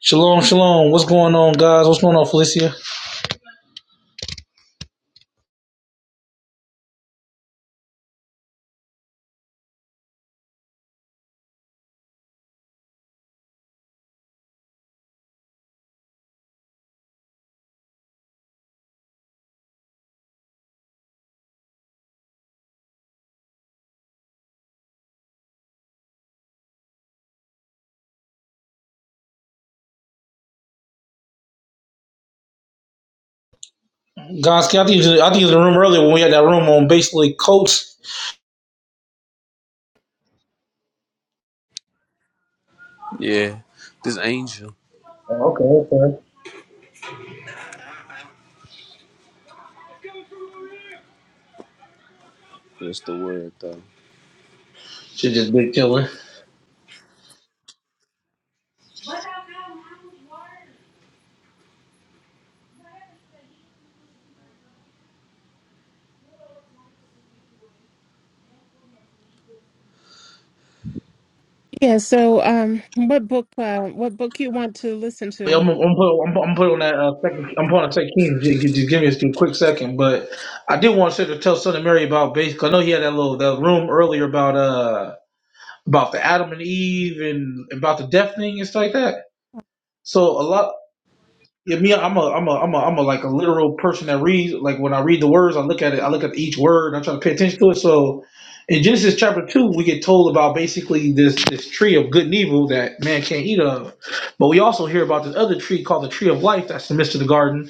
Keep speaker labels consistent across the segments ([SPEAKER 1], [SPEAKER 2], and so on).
[SPEAKER 1] Shalom, shalom. What's going on, guys? What's going on, Felicia? Guys, I think you, I think you was in the room earlier when we had that room on basically coats.
[SPEAKER 2] Yeah, this angel.
[SPEAKER 1] Oh, okay, okay.
[SPEAKER 2] That's the word,
[SPEAKER 1] Shit, just big killer.
[SPEAKER 3] Yeah, so um what book uh, what book you want to listen
[SPEAKER 1] Yeah,
[SPEAKER 3] to?
[SPEAKER 1] I'm, I'm put I'm, I'm put on that uh, second. I'm putting on second Kings. Ju- ju- Just, give me a few quick second, but I did want to tell Son of Mary about basically. I know he had that little that room earlier about uh about the Adam and Eve and about the death thing and stuff like that. So a lot Yeah, me, I'm a, I'm a, I'm a, I'm a like a literal person that reads. Like when I read the words, I look at it. I look at each word. I try to pay attention to it. So, in Genesis chapter two, we get told about basically this this tree of good and evil that man can't eat of, but we also hear about this other tree called the tree of life that's in the midst of the garden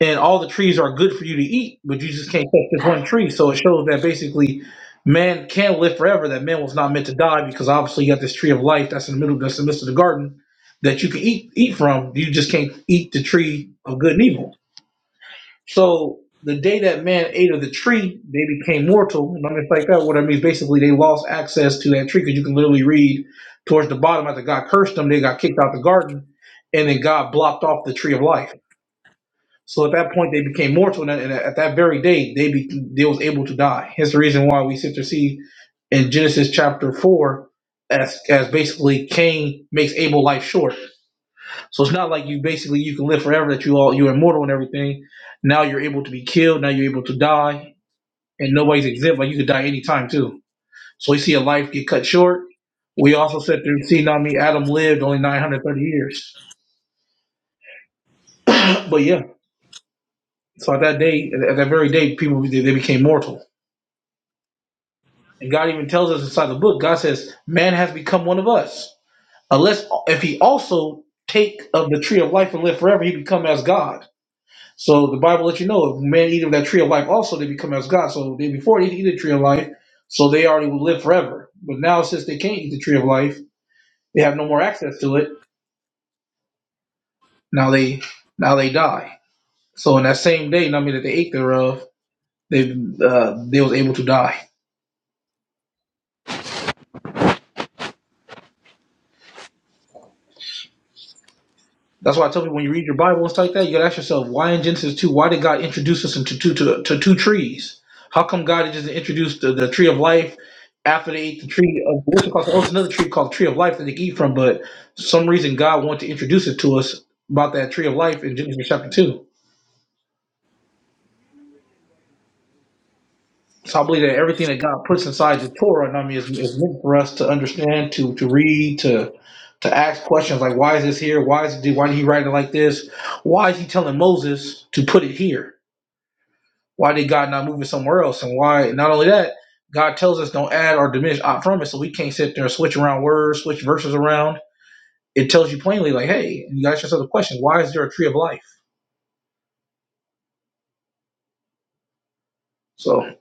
[SPEAKER 1] and all the trees are good for you to eat, but you just can't touch this one tree. So it shows that basically man can live forever, that man was not meant to die because obviously you got this tree of life that's in the middle that's in the midst of the garden that you can eat eat from. You just can't eat the tree of good and evil. So the day that man ate of the tree, they became mortal. And I mean, like that, what I mean is basically they lost access to that tree because you can literally read towards the bottom after God cursed them, they got kicked out the garden, and then God blocked off the tree of life so at that point, they became mortal, and at that very day, they be, they was able to die. Hence the reason why we sit to see in Genesis chapter four, as as basically Cain makes Abel life short. So it's not like you basically you can live forever that you all you're immortal and everything. Now you're able to be killed. Now you're able to die, and nobody's exempt. Like you could die anytime too. So we see a life get cut short. We also sit through see not me Adam lived only 930 years. But yeah, so at that day, at at that very day, people they, they became mortal. And God even tells us inside the book, God says, man has become one of us. Unless if he also take of the tree of life and live forever, he become as God. So the Bible lets you know if man eat of that tree of life also, they become as God. So they before they eat the tree of life, so they already will live forever. But now since they can't eat the tree of life, they have no more access to it. Now they now they die. So in that same day, not mean that they ate thereof, they uh, they was able to die. That's why I tell people when you read your Bible and stuff like that, you gotta ask yourself why in Genesis two, why did God introduce us into two to, to two trees? How come God just introduced the, the tree of life after they ate the tree of which was called- oh, it's another tree called tree of life that they could eat from, but for some reason God wanted to introduce it to us about that tree of life in Genesis chapter two. So I believe that everything that God puts inside the Torah, and I mean, is, is meant for us to understand, to to read, to to ask questions like why is this here? Why is it? Why did he write it like this? Why is he telling Moses to put it here? Why did God not move it somewhere else? And why? Not only that, God tells us don't add or diminish out from it, so we can't sit there and switch around words, switch verses around. It tells you plainly, like, hey, and you ask yourself the question, why is there a tree of life? So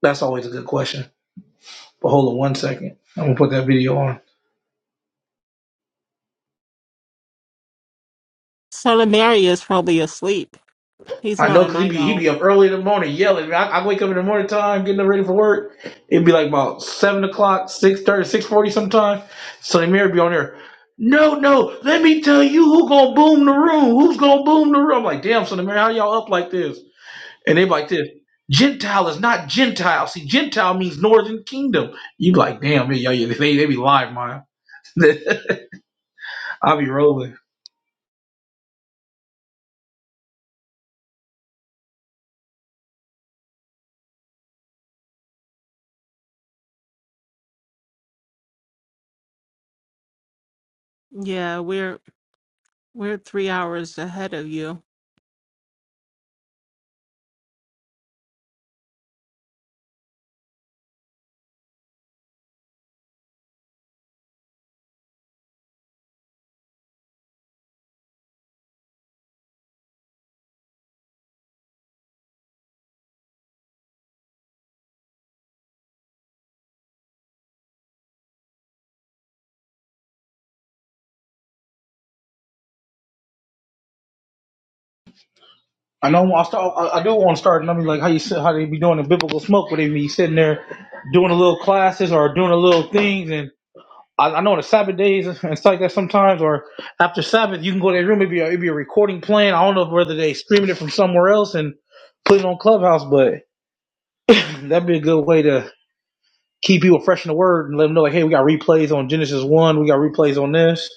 [SPEAKER 1] that's always a good question. But hold on one second. I'm gonna put that video on.
[SPEAKER 3] Southern Mary is probably asleep. He's
[SPEAKER 1] I
[SPEAKER 3] not
[SPEAKER 1] know
[SPEAKER 3] a
[SPEAKER 1] because he
[SPEAKER 3] night
[SPEAKER 1] be, he
[SPEAKER 3] owl.
[SPEAKER 1] be up early in the morning yelling. I, I wake up in the morning time, getting ready for work. It'd be like about 7 o'clock, six thirty, six forty, 6.40 sometime. Sonny Mary be on there. No, no, let me tell you who gonna boom the room. Who's gonna boom the room? I'm like, damn, Sonny Mary, how y'all up like this? And they be like this. Gentile is not Gentile. See, Gentile means Northern Kingdom. You be like, damn, man, y'all, they, they be live, man. I be rolling.
[SPEAKER 3] Yeah, we're we're three hours ahead of you.
[SPEAKER 1] I know I start. I, I do want to start. I mean, like how you said, how they be doing the biblical smoke, where they be sitting there doing a little classes or doing a little things. And I, I know on the Sabbath days and stuff like that sometimes, or after Sabbath, you can go to their room. It'd be a, it'd be a recording playing. I don't know whether they streaming it from somewhere else and putting it on Clubhouse, but that'd be a good way to keep people fresh in the Word and let them know, like, hey, we got replays on Genesis one, we got replays on this.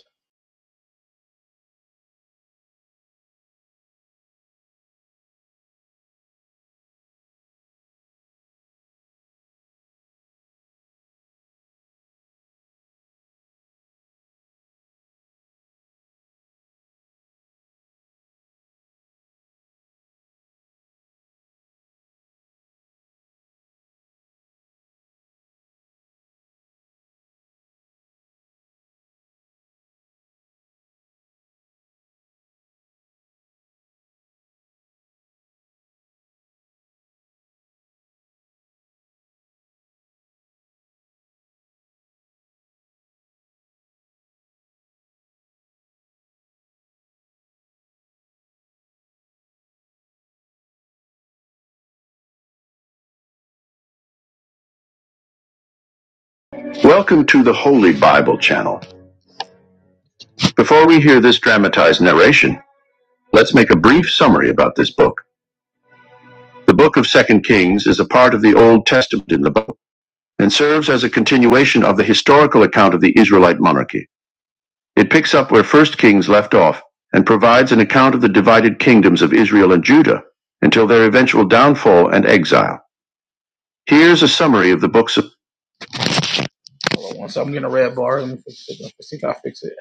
[SPEAKER 1] Welcome to the Holy Bible Channel. Before we hear this dramatized narration, let's make a brief summary about this book. The book of Second Kings is a part of the Old Testament in the Bible and serves as a continuation of the historical account of the Israelite monarchy. It picks up where First Kings left off and provides an account of the divided kingdoms of Israel and Judah until their eventual downfall and exile. Here's a summary of the book's Hold on one second. I'm getting a red bar. Let me fix it. Let's see if I fix it.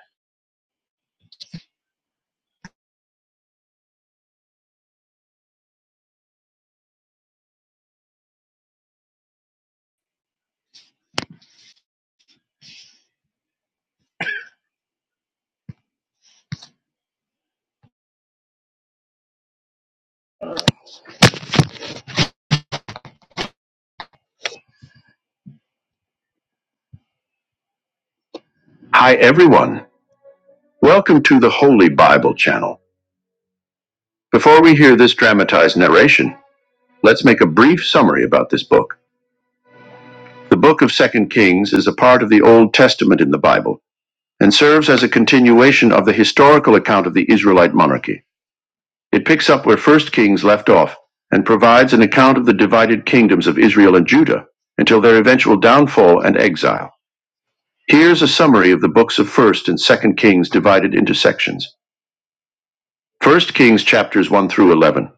[SPEAKER 1] Hi, everyone. Welcome to the Holy Bible channel. Before we hear this dramatized narration, let's make a brief summary about this book. The book of Second Kings is a part of the Old Testament in the Bible and serves as a continuation of the historical account of the Israelite monarchy. It picks up where First Kings left off and provides an account of the divided kingdoms of Israel and Judah until their eventual downfall and exile. Here's a summary of the books of First and Second Kings divided into sections. First Kings chapters 1 through 11.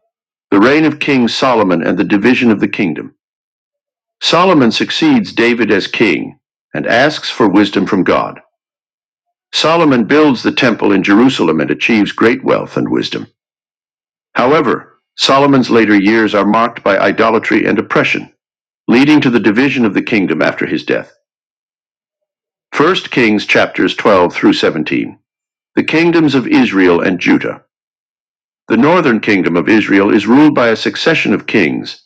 [SPEAKER 1] The reign of King Solomon and the division of the kingdom. Solomon succeeds David as king and asks for wisdom from God. Solomon builds the temple in Jerusalem and achieves great wealth and wisdom. However, Solomon's later years are marked by idolatry and oppression, leading to the division of the kingdom after his death. First Kings chapters 12 through 17. The kingdoms of Israel and Judah. The northern kingdom of Israel is ruled by a succession of kings,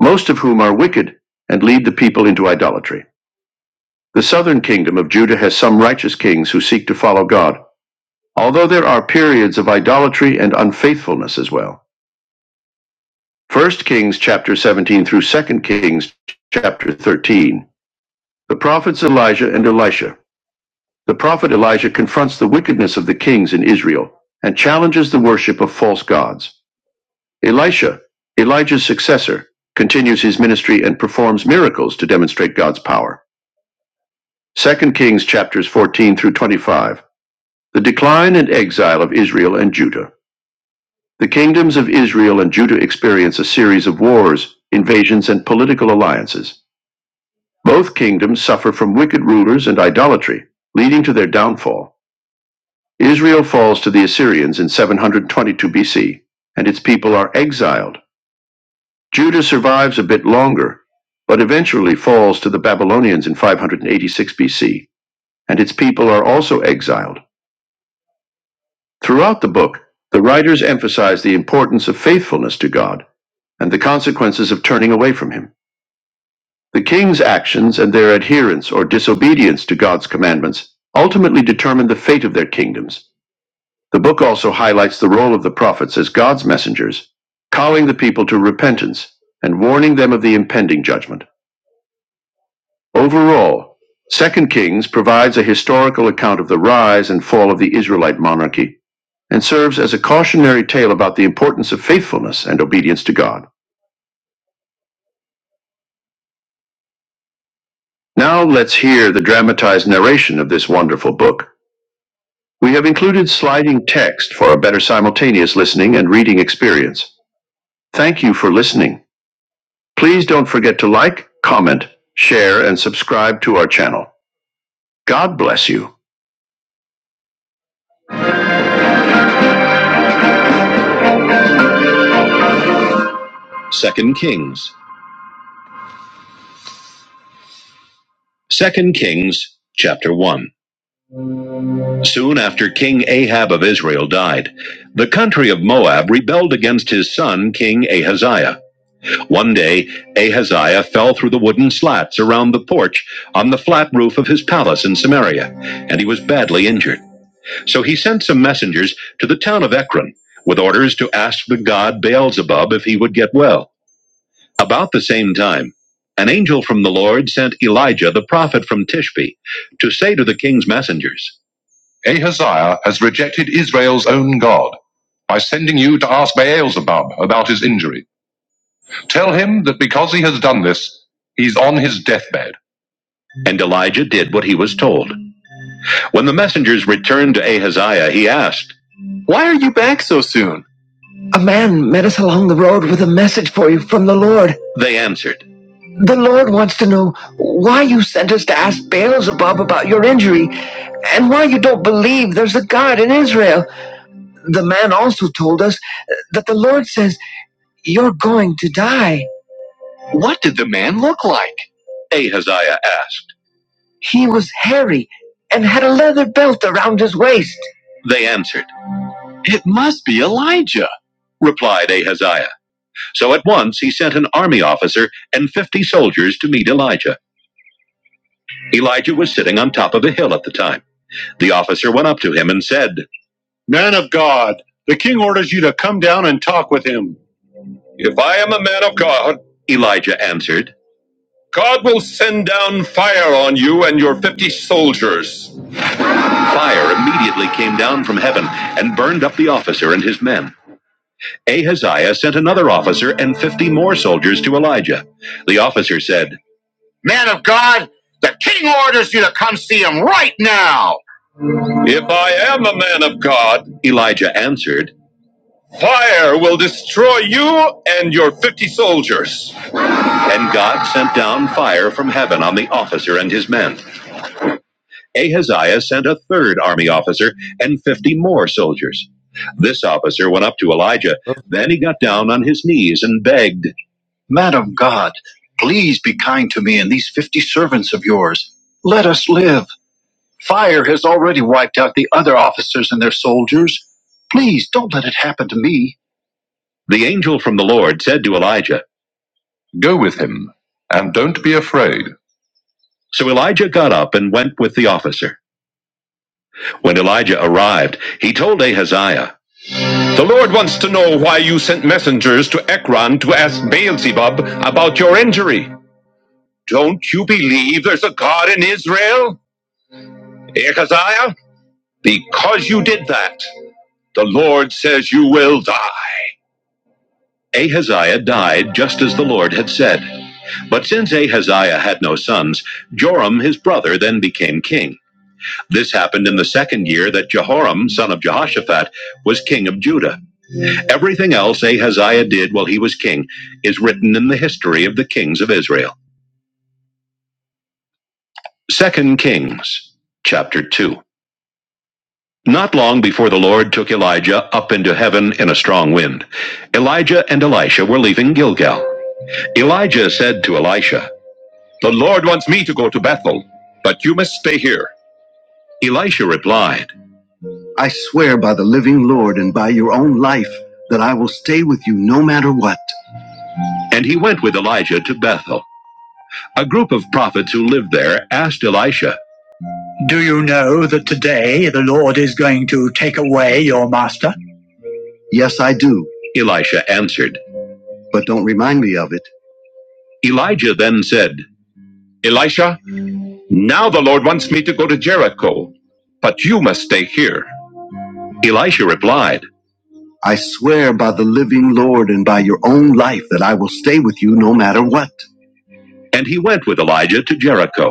[SPEAKER 1] most of whom are wicked and lead the people into idolatry. The southern kingdom of Judah has some righteous kings who seek to follow God although there are periods of idolatry and unfaithfulness as well. First Kings chapter 17 through Second Kings chapter 13. The prophets Elijah and Elisha. The prophet Elijah confronts the wickedness of the kings in Israel and challenges the worship of false gods. Elisha, Elijah's successor, continues his ministry and performs miracles to demonstrate God's power. Second Kings chapters 14 through 25. The decline and exile of Israel and Judah. The kingdoms of Israel and Judah experience a series of wars, invasions, and political alliances. Both kingdoms suffer from wicked rulers and idolatry, leading to their downfall. Israel falls to the Assyrians in 722 BC, and its people are exiled. Judah survives a bit longer, but eventually falls to the Babylonians in 586 BC, and its people are also exiled. Throughout the book, the writers emphasize the importance of faithfulness to God and the consequences of turning away from Him. The king's actions and their adherence or disobedience to God's commandments ultimately determined the fate of their kingdoms. The book also highlights the role of the prophets as God's messengers, calling the people to repentance and warning them of the impending judgment. Overall, Second Kings provides a historical account of the rise and fall of the Israelite monarchy and serves as a cautionary tale about the importance of faithfulness and obedience to God. Now let's hear the dramatized narration of this wonderful book. We have included sliding text for a better simultaneous listening and reading experience. Thank you for listening. Please don't forget to like, comment, share, and subscribe to our channel. God bless you. Second Kings. Second Kings, chapter 1. Soon after King Ahab of Israel died, the country of Moab rebelled against his son, King Ahaziah. One day, Ahaziah fell through the wooden slats around the porch on the flat roof of his palace in Samaria, and he was badly injured. So he sent some messengers to the town of Ekron with orders to ask the god Beelzebub if he would get well. About the same time, an angel from the Lord sent Elijah the prophet from Tishbe to say to the king's messengers, Ahaziah has rejected Israel's own God by sending you to ask Beelzebub about his injury. Tell him that because he has done this, he's on his deathbed. And Elijah did what he was told. When the messengers returned to Ahaziah, he asked, Why are you back so soon? A man met us along the road with a message for you from the Lord. They answered. The Lord wants to know why you sent us to ask Beelzebub about your injury and why you don't believe there's a God in Israel. The man also told us that the Lord says you're going to die. What did the man look like? Ahaziah asked. He was hairy and had a leather belt around his waist. They answered, It must be Elijah, replied Ahaziah. So at once he sent an army officer and 50 soldiers to meet Elijah. Elijah was sitting on top of a hill at the time. The officer went up to him and said, God, the king orders you to come down and talk with him. If I am a man of God, Elijah answered, fire immediately came down from heaven and burned up the officer and his men. Ahaziah sent another officer and 50 more soldiers to Elijah. The officer said, If I am a man of God, Elijah answered, Fire will destroy you and your 50 soldiers. And God sent down fire from heaven on the officer and his men. Ahaziah sent a third army officer and 50 more soldiers. This officer went up to Elijah. Then he got down on
[SPEAKER 2] though.
[SPEAKER 1] his knees and begged, Please. The angel from the Lord said to Elijah, Go with him, and don't be afraid. So Elijah got up and went with the officer. When Elijah arrived, he told Ahaziah, The Lord wants to know why you sent messengers to Ekron to ask Beelzebub about your injury. Don't you believe there's a God in Israel? Ahaziah, because you did that, the Lord says you will die. Ahaziah died just as the Lord had said. But since Ahaziah had no sons, Joram, his brother, then became king. This happened in the second year that Jehoram, son of Jehoshaphat, was king of Judah. Everything else Ahaziah did while he was king is written in the history of the kings of Israel. Second Kings, chapter 2. Not long before the Lord took Elijah up into heaven in a strong wind, Elijah and Elisha were leaving Gilgal. Elijah said to Elisha, The Lord wants me to go to Bethel, but you must stay here. Elisha replied, I swear by the living Lord and by your own life that I will stay with you no matter what. And he went with Elijah to Bethel. A group of prophets who lived there asked Elisha, Do you know that today the Lord is going to take away your master? Yes, I do, Elisha answered. but don't remind me of it. Elijah then said, Elisha, now the Lord wants me to go to Jericho, but you must stay here. Elisha replied, I swear by the living Lord and by your own life that I will stay with you no matter what. and he went with Elijah to Jericho.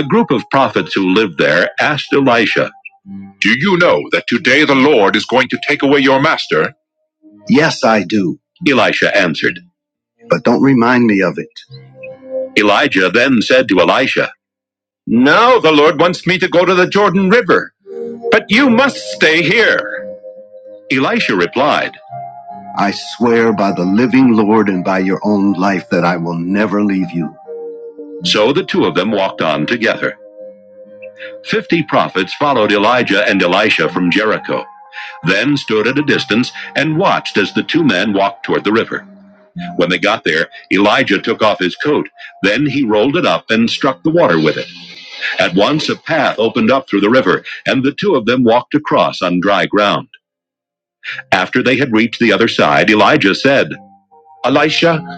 [SPEAKER 1] A group of prophets who lived there asked Elisha, Do you know that today the Lord is going to take away your master? Yes, I do. Elisha answered. But don't remind me of it. Elijah then said to Elisha, Now the Lord wants me to go to the Jordan River, but you must stay here. Elisha replied, I swear by the living Lord and by your own life that I will never leave you. So the two of them walked on together. Fifty prophets followed Elijah and Elisha from Jericho. then stood at a distance and watched as the two men walked toward the river. When they got there, Elijah took off his coat. Then he rolled it up and struck the water with it. At once a path opened up through the river, and the two of them walked across on dry ground. After they had reached the other side, Elijah said, Elisha,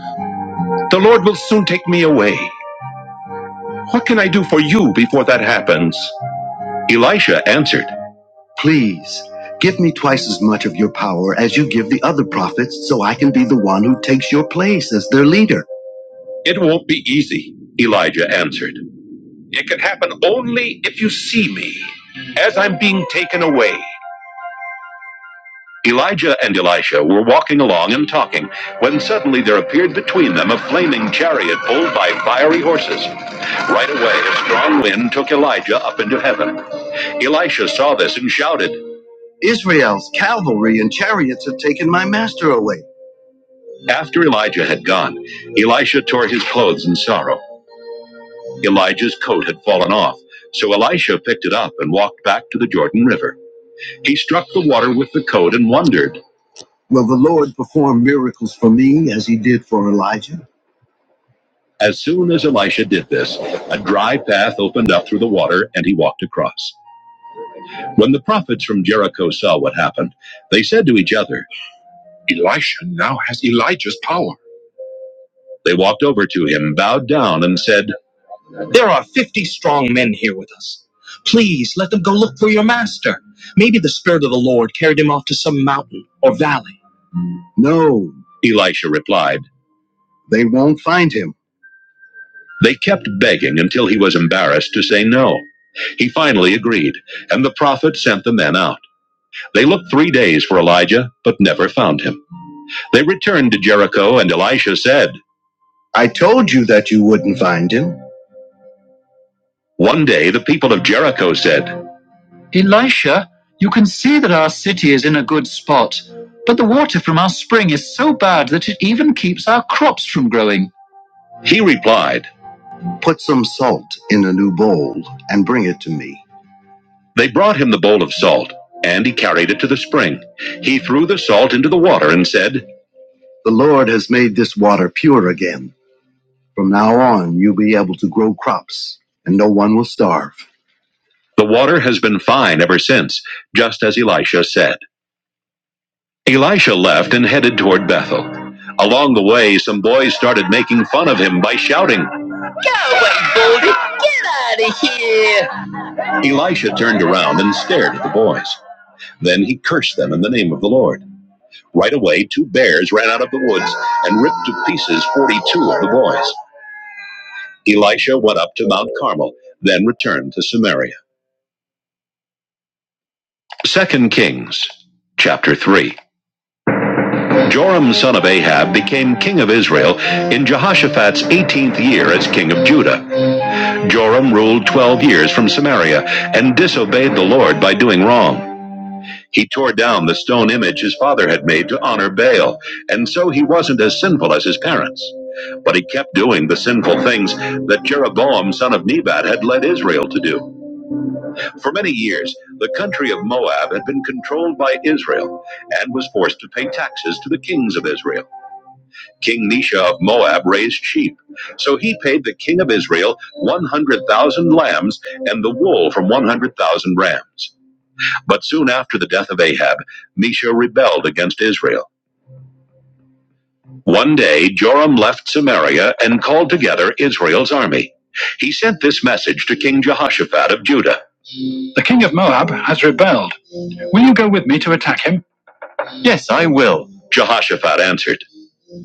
[SPEAKER 1] the Lord will soon take me away. What can I do for you before that happens? Elisha answered, Please, give me twice as much of your power as you give the other prophets, so I can be the one who takes your. It won't be easy, Elijah answered. It can happen only if you see me as I'm being taken away. Elijah and Elisha were walking along and talking when suddenly there appeared between them a flaming chariot pulled by fiery horses. Right away, a strong wind took Elijah up into heaven. Elisha saw this and shouted, Israel's cavalry and chariots have taken my master away. After Elijah had gone, Elisha tore his clothes in sorrow. Elijah's coat had fallen off, so Elisha picked it up and walked back to the Jordan River. He struck the water with the coat and wondered, Will the Lord perform miracles for me as he did for Elijah? As soon as Elisha did this, a dry path opened up through the water and he walked across. When the prophets from Jericho saw what happened, they said to each other, Elisha now has Elijah's power. They walked over to him, bowed down, and said, Elisha replied, They They kept begging until he was embarrassed to say no. He finally agreed, and the prophet sent the men out. They looked three days for Elijah, but never found him. They returned to Jericho, and Elisha said, I told you that you wouldn't find him. One day the people of Jericho said, He replied, Put some salt in a new bowl and bring it to me. They brought him the bowl of salt, and he carried it to the spring. He threw the salt into the water and said, The Lord has made this water pure again. From now on, you'll be able to grow crops, and no one will starve. The water has been fine ever since, just as Elisha said. Elisha left and headed toward Bethel. Along the way, some boys started making fun of him by shouting. Elisha turned around and stared at the boys. Then he cursed them in the name of the Lord. Right away, two bears ran out of the woods and ripped to pieces 42 of the boys. Elisha went up to Mount Carmel, then returned to Samaria. Second Kings, chapter 3. Joram son of Ahab became king of Israel in Jehoshaphat's 18th year as king of Judah. Joram ruled 12 years from Samaria and disobeyed the Lord by doing wrong. He tore down the stone image his father had made to honor Baal, and so he wasn't as sinful as his parents. But he kept doing the sinful things that Jeroboam son of Nebat had led Israel to do. For many years, the country of Moab had been controlled by Israel and was forced to pay taxes to the kings of Israel. King Nisha of Moab raised sheep. So he paid the king of Israel 100,000 lambs and the wool from 100,000 rams. But soon after the death of Ahab, Nisha rebelled against Israel. One day, Joram left Samaria and called together Israel's army. He sent this message to King Jehoshaphat of Judah The king of Moab has rebelled. Will you go with me to attack him? Yes, I will. Jehoshaphat answered,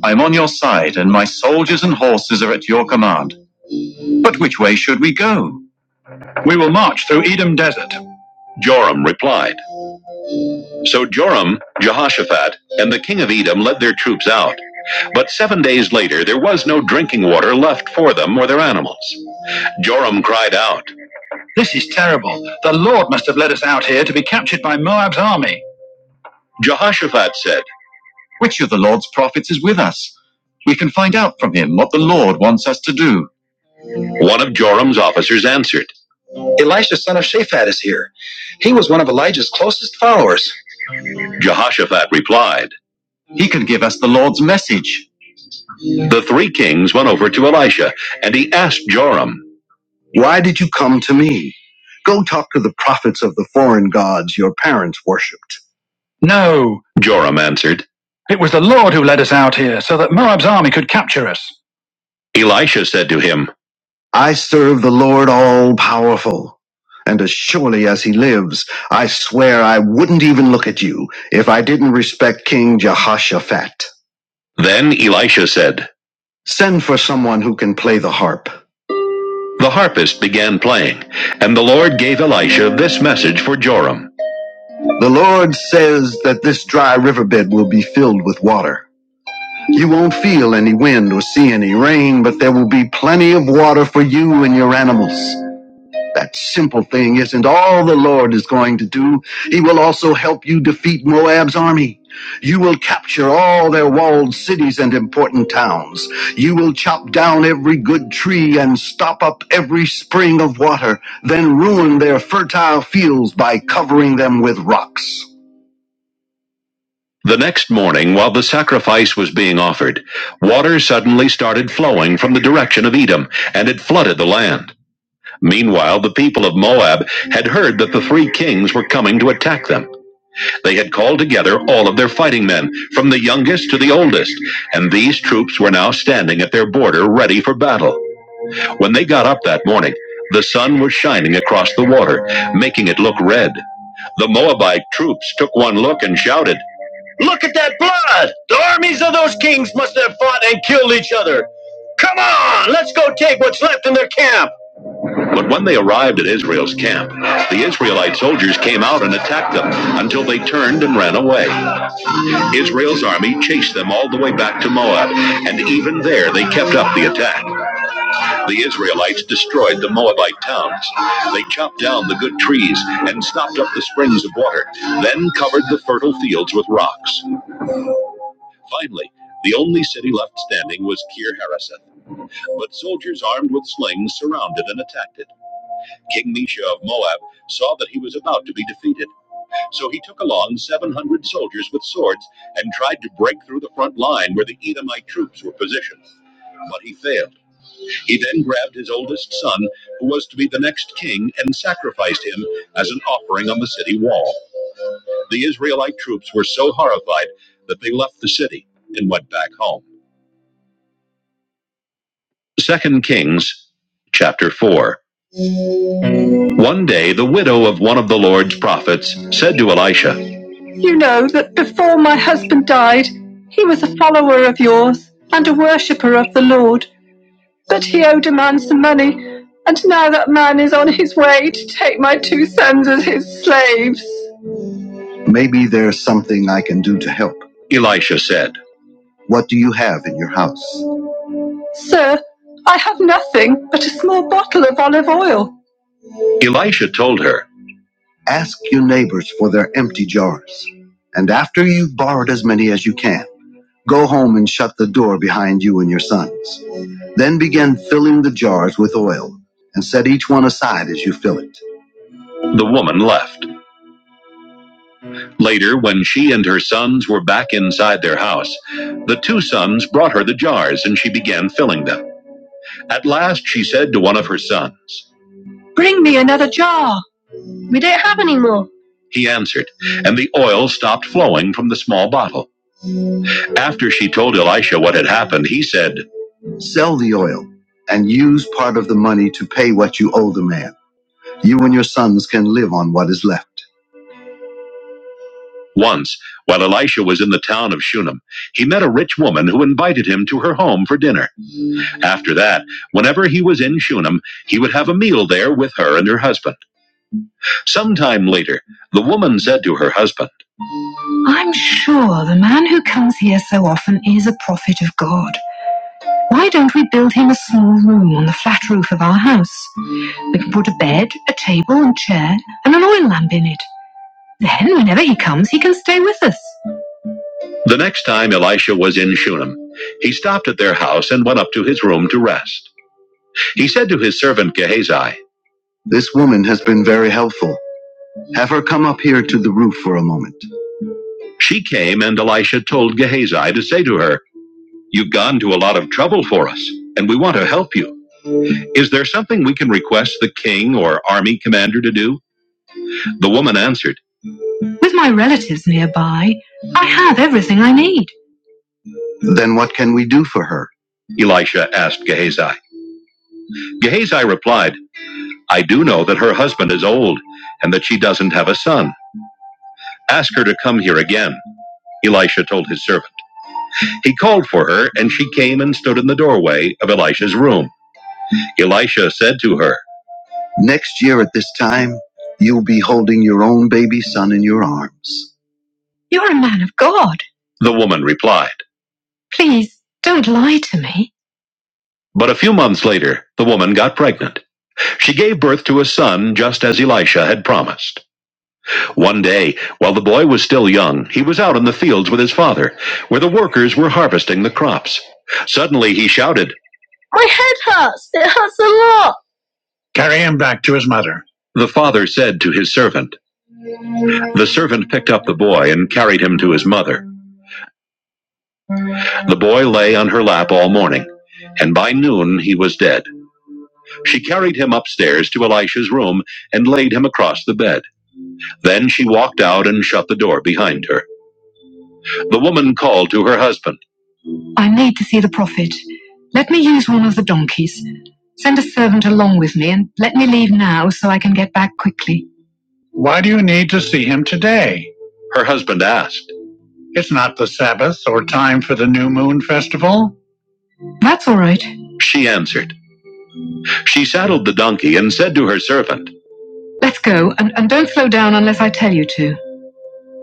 [SPEAKER 1] I am on your side, and my soldiers and horses are at your command. But which way should we go? We will march through Edom Desert. Joram replied. So Joram, Jehoshaphat, and the king of Edom led their troops out. But seven days later, there was no drinking water left for them or their animals. Joram cried out, This is terrible. The Lord must have led us out here to be captured by Moab's army. Jehoshaphat said, With who? One of Joram's officers answered. Jehoshaphat replied, The three kings went over to Elisha, and he asked Joram, Why did you come to me? Go talk to the prophets of the foreign gods your parents worshipped. Joram answered. Elisha said to him, I serve the Lord all powerful. And as surely as he lives, I swear I wouldn't even look at you if I didn't respect King Jehoshaphat. Then Elisha said, Send for someone who can play the harp. The harpist began playing, and the Lord gave Elisha this message for Joram. The Lord says that this dry riverbed will be filled with water. You won't feel any wind or see any rain, but there will be plenty of water for you and your animals. That simple thing isn't all the Lord is going to do. He will also help you defeat Moab's army. You will capture all their walled cities and important towns. You will chop down every good tree and stop up every spring of water, then ruin their fertile fields by covering them with rocks. The next morning, while the sacrifice was being offered, water suddenly started flowing from the direction of Edom, and it flooded the land. Meanwhile, the people of Moab had heard that the three kings were coming to attack them. They had called together all of their fighting men, from the youngest to the oldest, and these troops were now standing at their border ready for battle. When they got up that morning, the sun was shining across the water, making it look red. The Moabite troops took one look and shouted, Look at that blood! The armies of those kings must have fought and killed each other. Come on, let's go take what's left in their camp. But when they arrived at Israel's camp, the Israelite soldiers came out and attacked them until they turned and ran away. Israel's army chased them all the way back to Moab, and even there they kept up the attack. The Israelites destroyed the Moabite towns. They chopped down the good trees and stopped up the springs of water, then covered the fertile fields with rocks. Finally, the only city left standing was Kir Hareseth, but soldiers armed with slings surrounded and attacked it. King Misha of Moab saw that he was about to be defeated, so he took along 700 soldiers with swords and tried to break through the front line where the Edomite troops were positioned. But he failed. He then grabbed his oldest son, who was to be the next king, and sacrificed him as an offering on the city wall. The Israelite troops were so horrified that they left the city and went back home. Second Kings chapter 4. One day the widow of one of the Lord's prophets said to Elisha, You know that before my husband died, he was a follower of yours and a worshipper of the Lord, but he owed a man some money, and now that man is on his way to take my two sons as his slaves. Maybe there's something I can do to help, Elisha said. What do you have in your house? Sir, I have nothing but a small bottle of olive oil. Elisha told her, Ask your neighbors for their empty jars, and after you've borrowed as many as you can, go home and shut the door behind you and your sons. Then begin filling the jars with oil, and set each one aside as you fill it. The woman left. Later, when she and her sons were back inside their house, the two sons brought her the jars, and she began filling them. At last, she said to one of her sons, Bring me another jar. We don't have any more, he answered, and the oil stopped flowing from the small bottle. After she told Elisha what had happened, he said, Sell the oil and use part of the money to pay what you owe the man. You and your sons can live on what is left. Once, while Elisha was in the town of Shunem, he met a rich woman who invited him to her home for dinner. After that, whenever he was in Shunem, he would have a meal there with her and her husband. Sometime later, the woman said to her husband, I'm sure the man who comes here so often is a prophet of God. Why don't we build him a small room on the flat roof of our house? We can put a bed, a table, and chair, and an oil lamp in it. Then, whenever he comes, he can stay with us. The next time Elisha was in Shunem, he stopped at their house and went up to his room to rest. He said to his servant Gehazi, This woman has been very helpful. Have her come up here to the roof for a moment. She came, and Elisha told Gehazi to say to her, You've gone to a lot of trouble for us, and we want to help you. Is there something we can request the king or army commander to do? The woman answered her. Elisha asked Gehazi. Gehazi replied, I do know that her husband is old and that she doesn't have a son. Ask her to come here again. Elisha told his servant. He called for her, and she came and stood in the doorway of Elisha's room. Elisha said to her, Next year at this time, you'll be holding your own baby son in your arms. You're a man of God. The woman replied. Please don't lie to me. But a few months later, the woman got pregnant. She gave birth to a son just as Elisha had promised. One day, while the boy was still young, he was out in the fields with his father, where the workers were harvesting the crops. Suddenly he shouted, My head hurts! It hurts a lot! The father said to his servant. The servant picked up the boy and carried him to his mother. The boy lay on her lap all morning, and by noon he was dead. She carried him upstairs to Elisha's room and laid him across the bed. Then she walked out and shut the door behind her. The woman called to her husband. Her husband asked. She answered. She saddled the donkey and said to her servant, Let's go, and, and don't slow down unless I tell you to.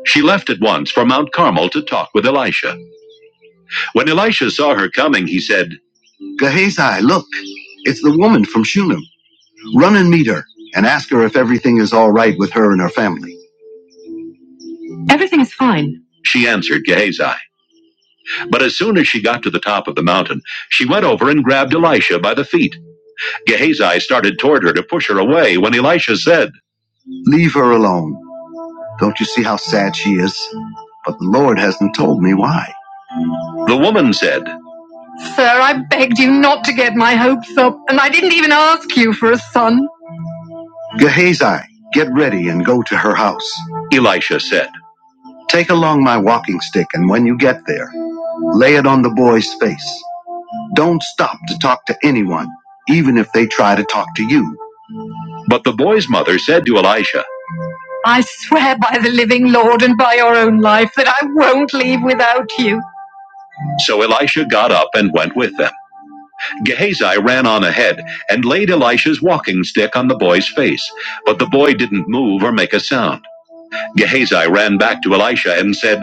[SPEAKER 1] She left at once for Mount Carmel to talk with Elisha. When Elisha saw her coming, he said, Gehazi, look, it's the woman from Shunem. Run and meet her and ask her if everything is all right with her and her family. Everything's fine, she answered Gehazi. But as soon as she got to the top of the mountain, she went over and grabbed Elisha by the feet. Gehazi started toward her to push her away when Elisha said, Leave her alone. Don't you see how sad she is? But the Lord hasn't told me why. The woman said, Sir, I begged you not to get my hopes up, and I didn't even ask you for a son. Gehazi, get ready and go to her house. Elisha said, Take along my walking stick, and when you get there, Lay it on the boy's face. Don't stop to talk to anyone, even if they try to talk to you. But the boy's mother said to Elisha, I swear by the living Lord and by your own life that I won't leave without you. So Elisha got up and went with them. Gehazi ran on ahead and laid Elisha's walking stick on the boy's face, but the boy didn't move or make a sound. Gehazi ran back to Elisha and said,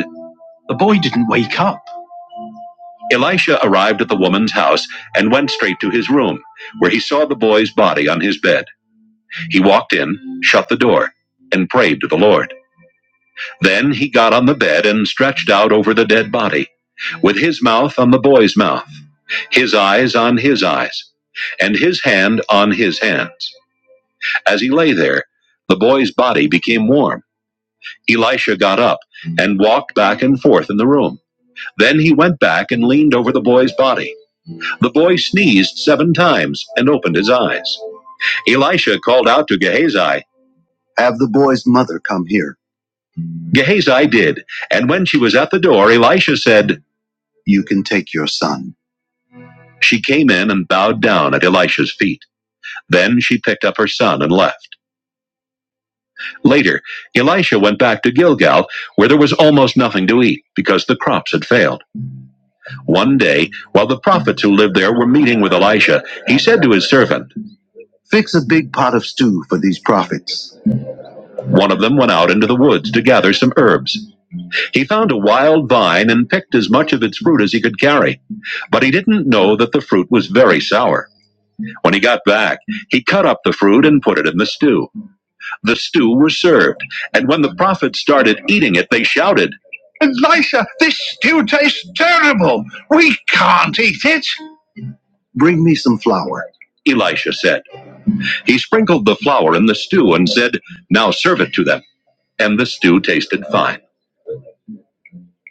[SPEAKER 1] Elisha arrived at the woman's house and went straight to his room, where he saw the boy's body on his bed. He walked in, shut the door, and prayed to the Lord. Then he got on the bed and stretched out over the dead body, with his mouth on the boy's mouth, his eyes on his eyes, and his hand on his hands. As he lay there, the boy's body became warm. Elisha got up and walked back and forth in the room. Then he went back and leaned over the boy's body. The boy sneezed seven times and opened his eyes. Elisha called out to Gehazi, Have the boy's mother come here. Gehazi did, and when she was at the door, Elisha said, You can take your son. She came in and bowed down at Elisha's feet. Then she picked up her son and left. Later, Elisha went back to Gilgal, where there was almost nothing to eat because the crops had failed. One day, while the prophets who lived there were meeting with Elisha, he said to his servant, Fix a big pot of stew for these prophets. One of them went out into the woods to gather some herbs. He found a wild vine and picked as much of its fruit as he could carry. But he didn't know that the fruit was very sour. When he got back, he cut up the fruit and put it in the stew. The stew was served, and when the prophets started eating it, they shouted, Elisha, this stew tastes terrible. We can't eat it. Elisha said. He sprinkled the flour in the stew and said, Now serve it to them. And the stew tasted fine.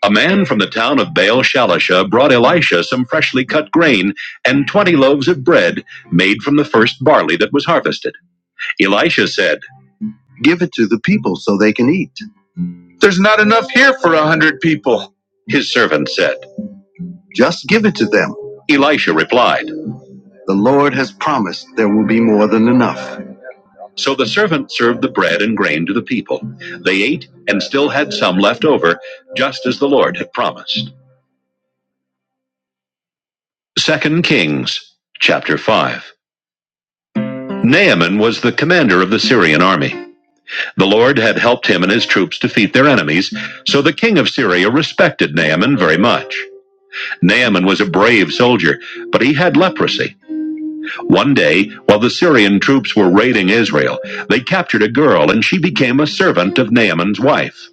[SPEAKER 1] A man from the town of Baal Shalisha brought Elisha some freshly cut grain and 20 loaves of bread made from the first barley that was harvested. Elisha said, Give it to the people so they can eat. There's not enough here for a hundred people, his servant said. Just give it to them. Elisha replied, The Lord has promised there will be more than enough. So the servant served the bread and grain to the people. They ate and still had some left over, just as the Lord had promised. Second Kings chapter 5. Naaman was the commander of the Syrian army. The Lord had helped him and his troops defeat their enemies, so the king of Syria respected Naaman very much. Naaman was a brave soldier, but he had leprosy. One day, while the Syrian troops were raiding Israel, they captured a girl and she became a servant of Naaman's wife.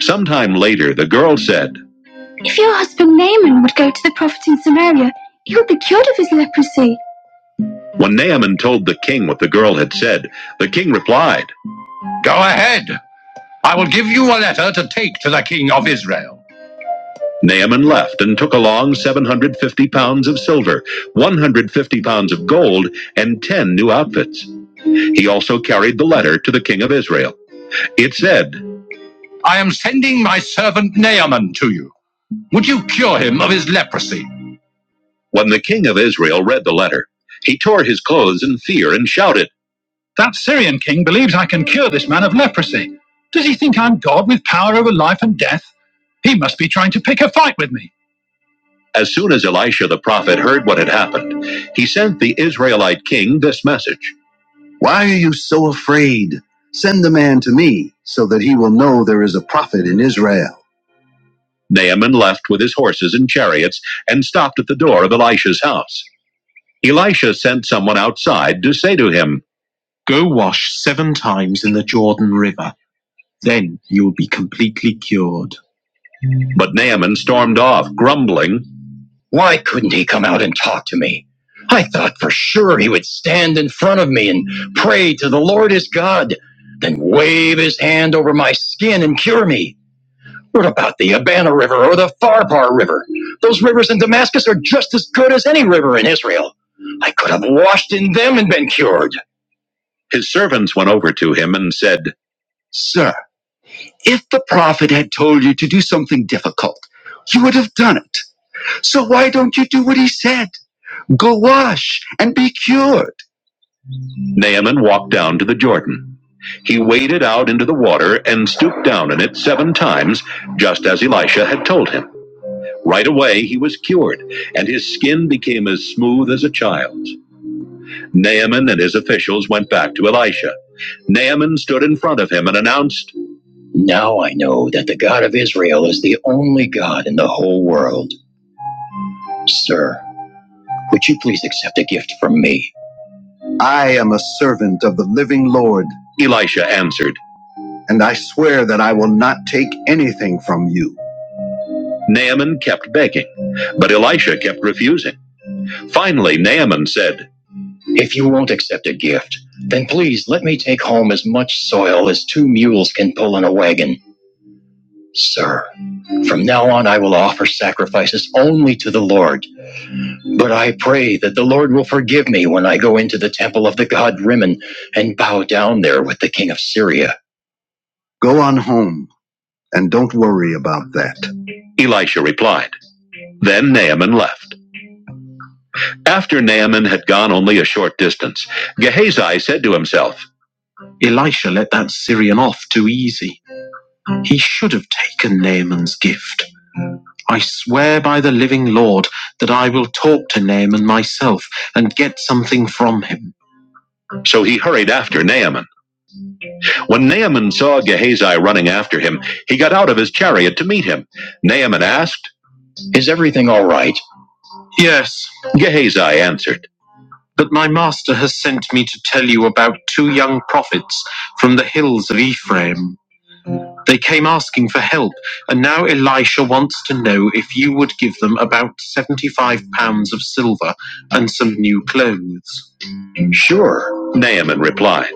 [SPEAKER 1] Sometime later, the girl said, If your husband Naaman would go to the prophet in Samaria, he would be cured of his leprosy. When Naaman told the king what the girl had said, the king replied, Go ahead. I will give you a letter to take to the king of Israel. Naaman left and took along 750 pounds of silver, 150 pounds of gold, and 10 new outfits. He also carried the letter to the king of Israel. It said, I am sending my servant Naaman to you. Would you cure him of his leprosy? When the king of Israel read the letter, he tore his clothes in fear and shouted, That Syrian king believes I can cure this man of leprosy. Does he think I'm God with power over life and death? He must be trying to pick a fight with me. As soon as Elisha the prophet heard what had happened, he sent the Israelite king this message See, there is a prophet in Israel. Naaman left with his horses and chariots and stopped at the door of Elisha's house. Elisha sent someone outside to say to him, but Naaman stormed off, grumbling. Why couldn't he come out and talk to me? I thought for sure he would stand in front of me and pray to the Lord his God, then wave his hand over my skin and cure me. What about the Abana River or the Farpar River? Those rivers in Damascus are just as good as any river in Israel. I could have washed in them and been cured. His servants went over to him and said, You would have done it. So why don't you do what he said? Go wash and be cured. Naaman walked down to the Jordan. He waded out into the water and stooped down in it seven times, just as Elisha had told him. Right away, he was cured, and his skin became as smooth as a child's. Naaman and his officials went back to Elisha. Naaman stood in front of him and announced, Now I know that the God of Israel is the only God in the whole world. Sir, would you please accept a gift from me? I am a servant of the living Lord. Elisha answered. and I swear that I will not take anything from you. Naaman kept begging, but Elisha kept refusing. Finally, Naaman said, If you won't accept a gift, then please let me take home as much soil as two mules can pull in a wagon. Sir, from now on I will offer sacrifices only to the Lord. But I pray that the Lord will forgive me when I go into the temple of the god Rimmon and bow down there with the king of Syria. Go on home. and don't worry about that. Elisha replied. Then Naaman left. After Naaman had gone only a short distance, Gehazi said to himself, Elisha let that Syrian off too easy. He should have taken Naaman's gift. I swear by the living Lord that I will talk to Naaman myself and get something from him. So he hurried after Naaman. When Naaman saw Gehazi running after him, he got out of his chariot to meet him. Naaman asked, "Is everything all right?" Yes, Gehazi answered, but my master has sent me to tell you of two Japhets from the hills of Ephraim. They came asking once to give them about seventy-five pounds of silver and some new clothes. Naaman replied,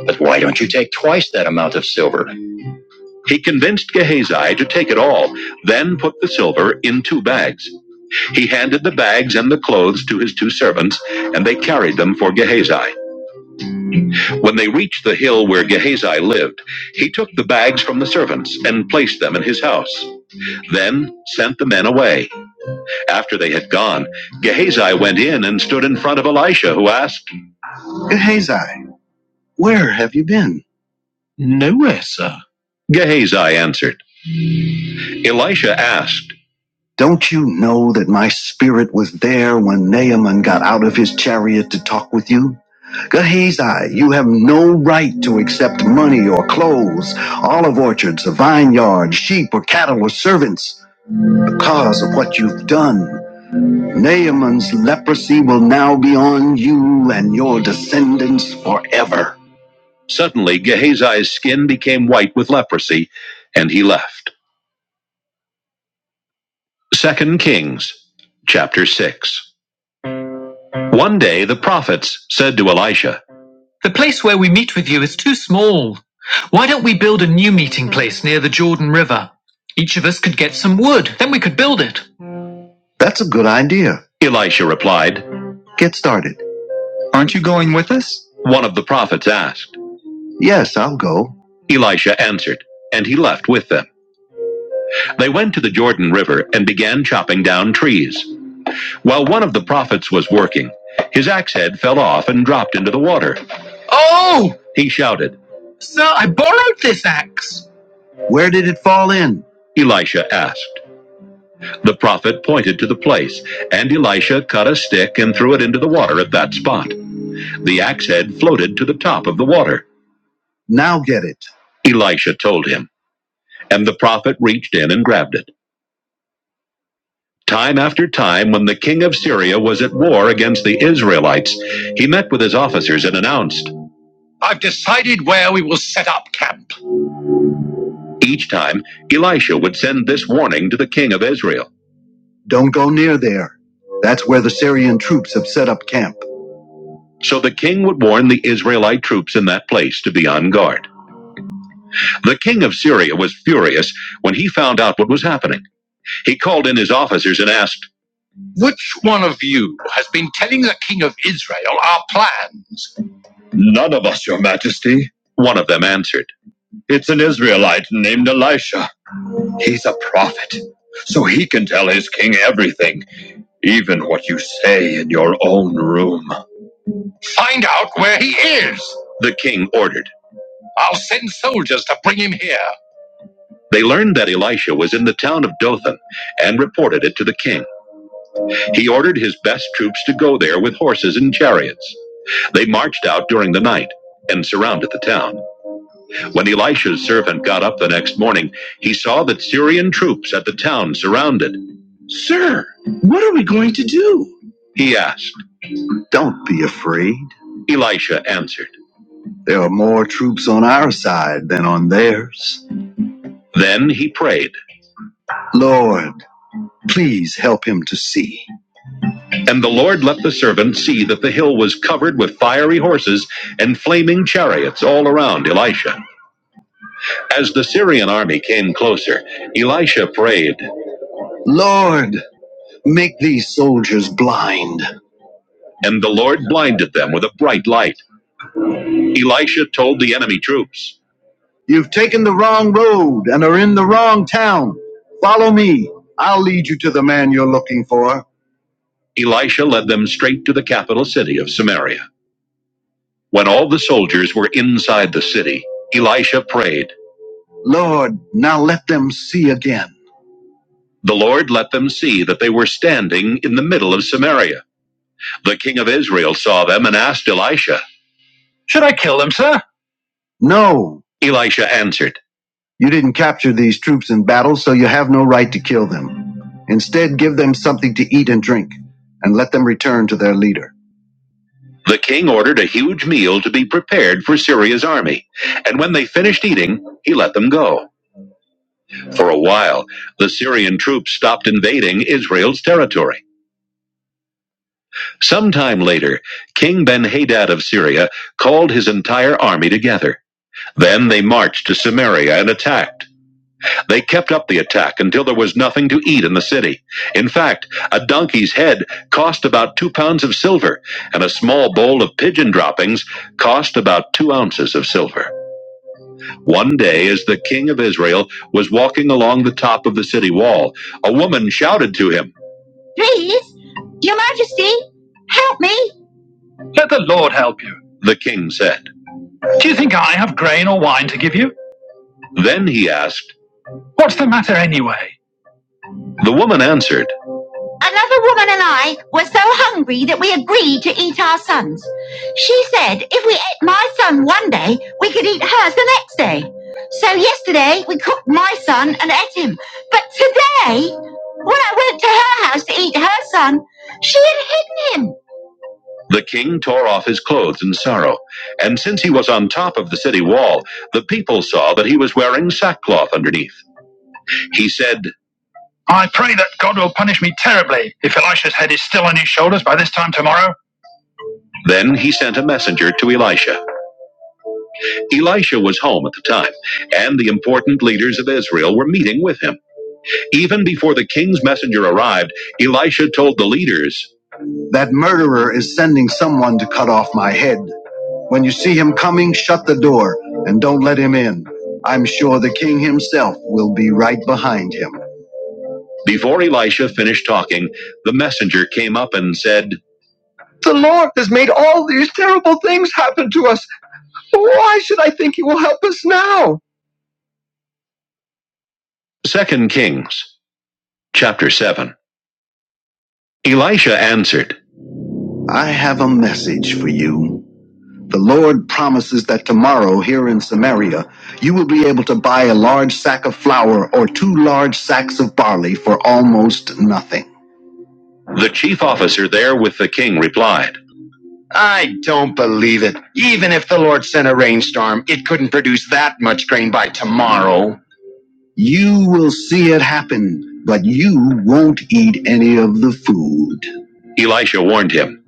[SPEAKER 1] But why don't you take twice that amount of silver? He convinced Gehazi to take it all, then put the silver in two bags. He handed the bags and the clothes to his two servants, and they carried them for Gehazi. When they reached the hill where Gehazi lived, he took the bags from the servants and placed them in his house, then sent the men away. After they had gone, Gehazi went in and stood in front of Elisha, who asked, Gehazi, where have you been? Gehazi answered. Elisha asked, Don't you you have to accept money or divine shit? Naaman proceed on your dance? Suddenly Gehazi's skin became white with leprosy, and he left. Second Kings chapter 6. One day the prophets said to Elisha, That's a good idea. Elisha replied, Get started. Aren't you going with us? One of the prophets asked. Yes, I'll go. Elisha answered, and he left with them. They went to the Jordan River and began chopping down trees. While one of the prophets was working, his axe head fell off and dropped into the water. Oh! He shouted. Sir, I borrowed this axe." Where did it fall in? Elisha asked. The prophet pointed to the place, and Elisha cut a stick and threw it into the water at that spot. The axe head floated to the top of the water. Now get it, Elisha told him, and the prophet reached in and grabbed it. Time after time, when the king of Syria was at war against the Israelites, he met with his officers and announced, I've decided where we will set up camp. Each time, Elisha would send this warning to the king of Israel Don't go near there. That's who set up camp. So the king would warn the Israelite troops in that place to be on guard. The king of Syria was furious when he found out what was happening. He called in his officers and asked, None of us, your majesty. One of them answered, It's an Israelite named Elisha. He's a prophet, so he can tell his king everything, even what you say in your own room. Find out where he is, the king ordered. I'll send soldiers to bring him here. They learned that Elisha was in the town of Dothan and reported it to the king. He ordered his best troops to go there with horses and chariots. They marched out during the night and surrounded the town. When Elisha's servant got up the next morning, he saw that Syrian troops at the town surrounded. He asked, Don't be afraid. Elisha answered, There are more troops on our side than on theirs. Then he prayed, Lord, please help him to see. And the Lord let the servant see that the hill was covered with fiery horses and flaming chariots all around Elisha. As the Syrian army came closer, Elisha prayed, Lord, make these soldiers blind. And the Lord blinded them with a bright light. Elisha told the enemy troops, You've taken the wrong road and are in the wrong town. Follow me. I'll lead you to the man you're looking for. Elisha led them straight to the capital city of Samaria. When all the soldiers were inside the city, Elisha prayed, Lord, now let them see again. The Lord let them see that they were standing in the middle of Samaria. The king of Israel saw them and asked Elisha, Should I kill them, sir? No. Elisha answered, You didn't capture these troops in battle, so you have no right to kill them. Instead, give them something to eat and drink, and let them return to their leader. The king ordered a huge meal to be prepared for Syria's army, and when they finished eating, he let them go. For a while, the Syrian troops stopped invading Israel's territory. Sometime later, King Ben Hadad of Syria called his entire army together. Then they marched to Samaria and attacked. They kept up the attack until there was nothing to eat in the city. In fact, a donkey's head cost about two pounds of silver, and a small bowl of pigeon droppings cost about two ounces of silver. One day, as the king of Israel was walking along the top of the city wall, a woman shouted to him, Please, your majesty, help me. The king said. Then he asked, The woman answered, Another woman and I were so hungry that we agreed to eat our sons. She said if we ate my son one day, we could eat hers the next day. So yesterday we cooked my son and ate him. But today, when I went to her house to eat her son, she had hidden him. The king tore off his clothes in sorrow, and since he was on top of the city wall, the people saw that he was wearing sackcloth underneath. He said, Then he sent a messenger to Elisha. Elisha was home at the time, and the important leaders of Israel were meeting with him. Even before the king's messenger arrived, Elisha told the leaders, That murderer is sending someone to cut off my head. When you see him coming, shut the door and don't let him in. I'm sure the king himself will be right behind him. Before Elisha finished talking, the messenger came up and said, The Lord has made all these terrible things happen to us. Why should I think he will help us now? Second Kings chapter 7. Elisha answered, I have a message, a lack of flour or almost. The chief officer there with the king replied, I don't believe it. Even if the Lord sent a rain tomorrow. Happen, but you won't eat any of the food. Elisha warned him.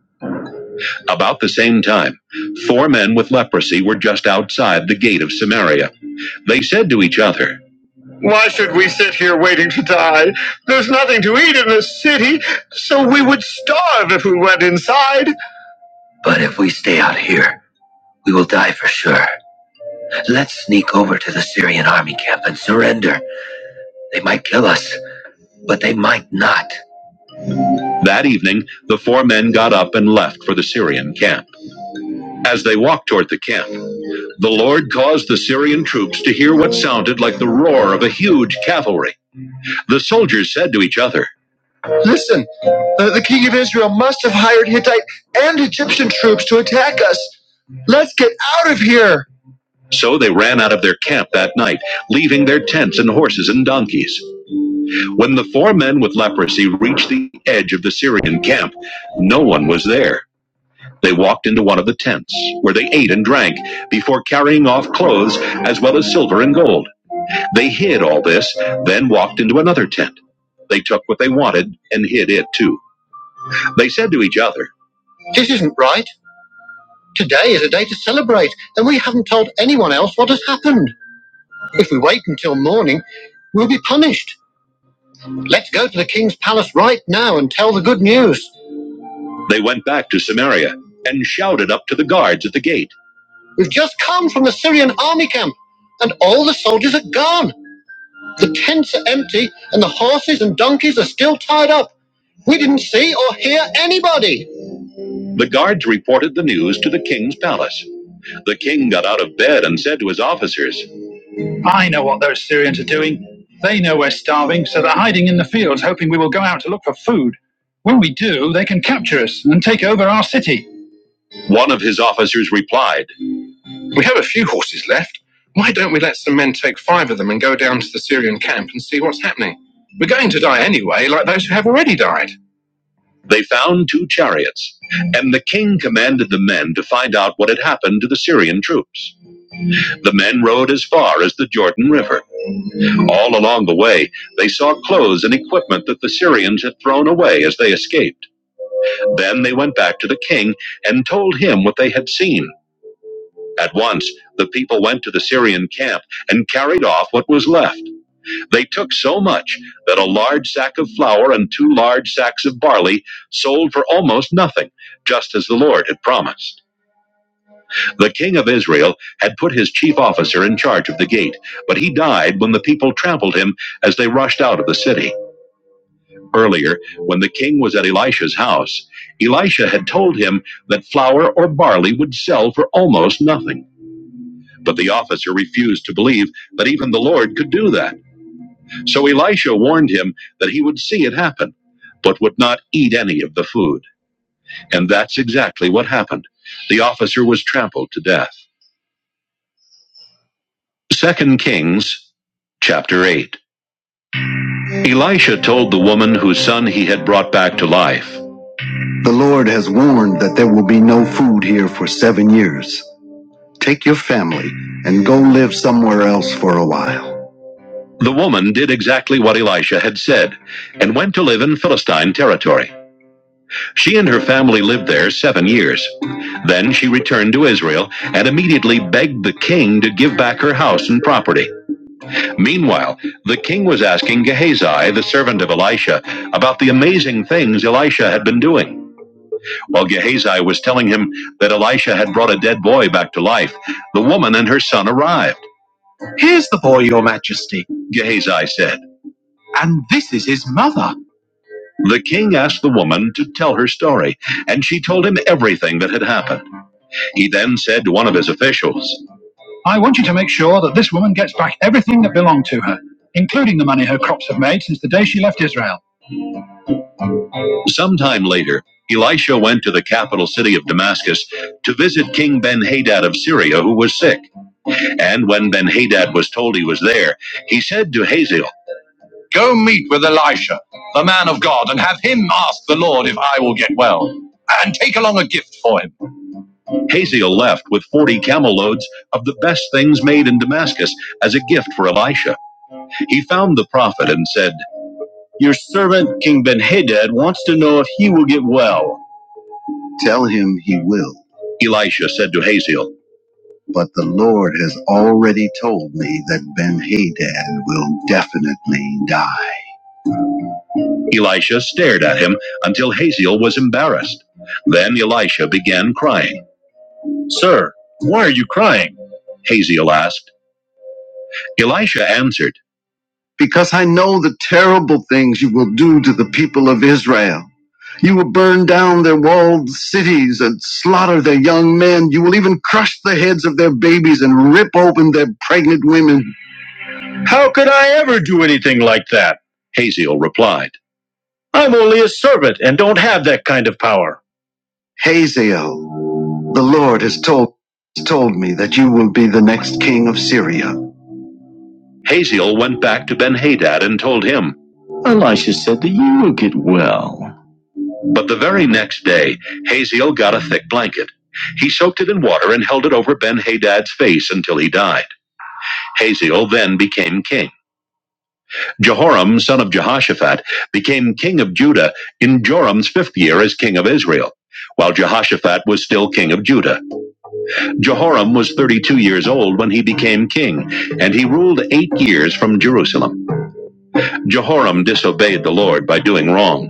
[SPEAKER 1] About the same time, four men with leprosy were just outside the gate of Samaria. They said to each other, What I? There's nothing to eat in this city, so we would starve. if." I But if we stay out here, we will die for sure. Let's sneak over to the Syrian army camp and surrender. They might kill us, but they might not. That evening, the four men got up and left for the Syrian camp. As they walked toward the camp, the Lord caused the Syrian troops to hear what sounded like the roar of a huge cavalry. The soldiers said to each other, Listen, Hittite and Hittiticus, let's get out of here. So they ran out of their camp that night, leaving their tents and horses and donkeys. When the four men with leprosy reached the edge of the Syrian camp, no one was there. They walked into one of the tents, where they ate and drank, before carrying off clothes as well as silver and gold. They hid all this, then walked into another tent. They took what they wanted and hid it too. They said to each other, This isn't right. Today is a day to celebrate, and we haven't told anyone else what has happened. If we wait until morning, we'll be punished. Let's go to the king's palace right now and tell the good news. They went back to Samaria and shouted up to the guards at the gate We've just come from the Syrian army camp, and all the soldiers are gone. The tents are empty, and the horses and donkeys are still tied up. We didn't see or hear anybody. The guards reported the news to the king's palace. The king got out of bed and said to his officers, One of his officers replied, Why don't the camp and see what's happening? They found two chariots, and the king commanded the men to find out what had happened to the Syrian troops. The men rode as far as the Jordan River. All along the way, they saw clothes and equipment that the Syrians had thrown away as they escaped. Then they went back to the king and told him what they had seen. At once, the people went to the Syrian camp and carried off what was left. They took so much that a large sack of flour and two large sacks of barley sold for almost nothing, just as the Lord had promised. The king of Israel had put his chief officer in charge of the gate, but he died when the people trampled him as they rushed out of the city. Earlier, when the king was at Elisha's house, Elisha had told him that flour or barley would sell for almost nothing. But the officer refused to believe that even the Lord could do that. So Elisha warned him that he would see it happen, but would not eat any of the food. And that's exactly what happened. The officer was trampled to death. Second Kings chapter 8. Elisha told the woman whose son he had brought back to life The Lord has warned that there will be no food here for seven years. Take your family and go live somewhere else for a while. The woman did exactly what Elisha had said and went to live in Philistine territory. She and her family lived there seven years. Then she returned to Israel and immediately begged the king to give back her house and property. Meanwhile, the king was asking Gehazi, the servant of Elisha, about the amazing things Elisha had been doing. While Gehazi was telling him that Elisha had brought a dead boy back to life, the woman and her son arrived. Here's the boy, your majesty, Gehazi said. And this is his mother. The king asked the woman to tell her story, and she told him everything that had happened. He then said to one of his officials, I, including the money her crops have made since the day she left Israel. Sometime later, Elisha went to the capital city of Damascus to visit King Benhadad of Syria, who was sick. And when Benhadad was told he was there, he said to Hazael, Go meet with Elisha, the man of God, and have him ask the Lord if I will get well. And take along a gift for him. Hazael left with 40 camel loads of the best things made in Damascus as a gift for Elisha. He found the prophet and said, Your servant Hadad wants to know if he will get well. Tell him he will. Elisha said to Hazael, But the Lord has already told me that Ben Hadad will definitely die. Elisha stared at him until Hazael was embarrassed. Then Elisha began crying. Sir, why are you crying? Hazael asked. Elisha answered, Because I know the terrible things you will do to the people of Israel. You will burn down their walled cities and slaughter their young men. You will even crush the heads of their babies and rip open their pregnant women. How could I ever do anything like that? Haziel replied. I'm only a servant and don't have that kind of power. Hazael, the Lord has told, has told me that you will be the next king of Syria. Haziel went back to Ben Hadad and told him. But the very next day, Haziel got a thick blanket. He soaked it in water and held it over Ben Hadad's face until he died. Haziel then became king. Jehoram, son of Jehoshaphat, became king of Judah in Joram's fifth year as king of Israel, while Jehoshaphat was still king of Judah. Jehoram was 32 years old when he became king, and he ruled eight years from Jerusalem. Jehoram disobeyed the Lord by doing wrong.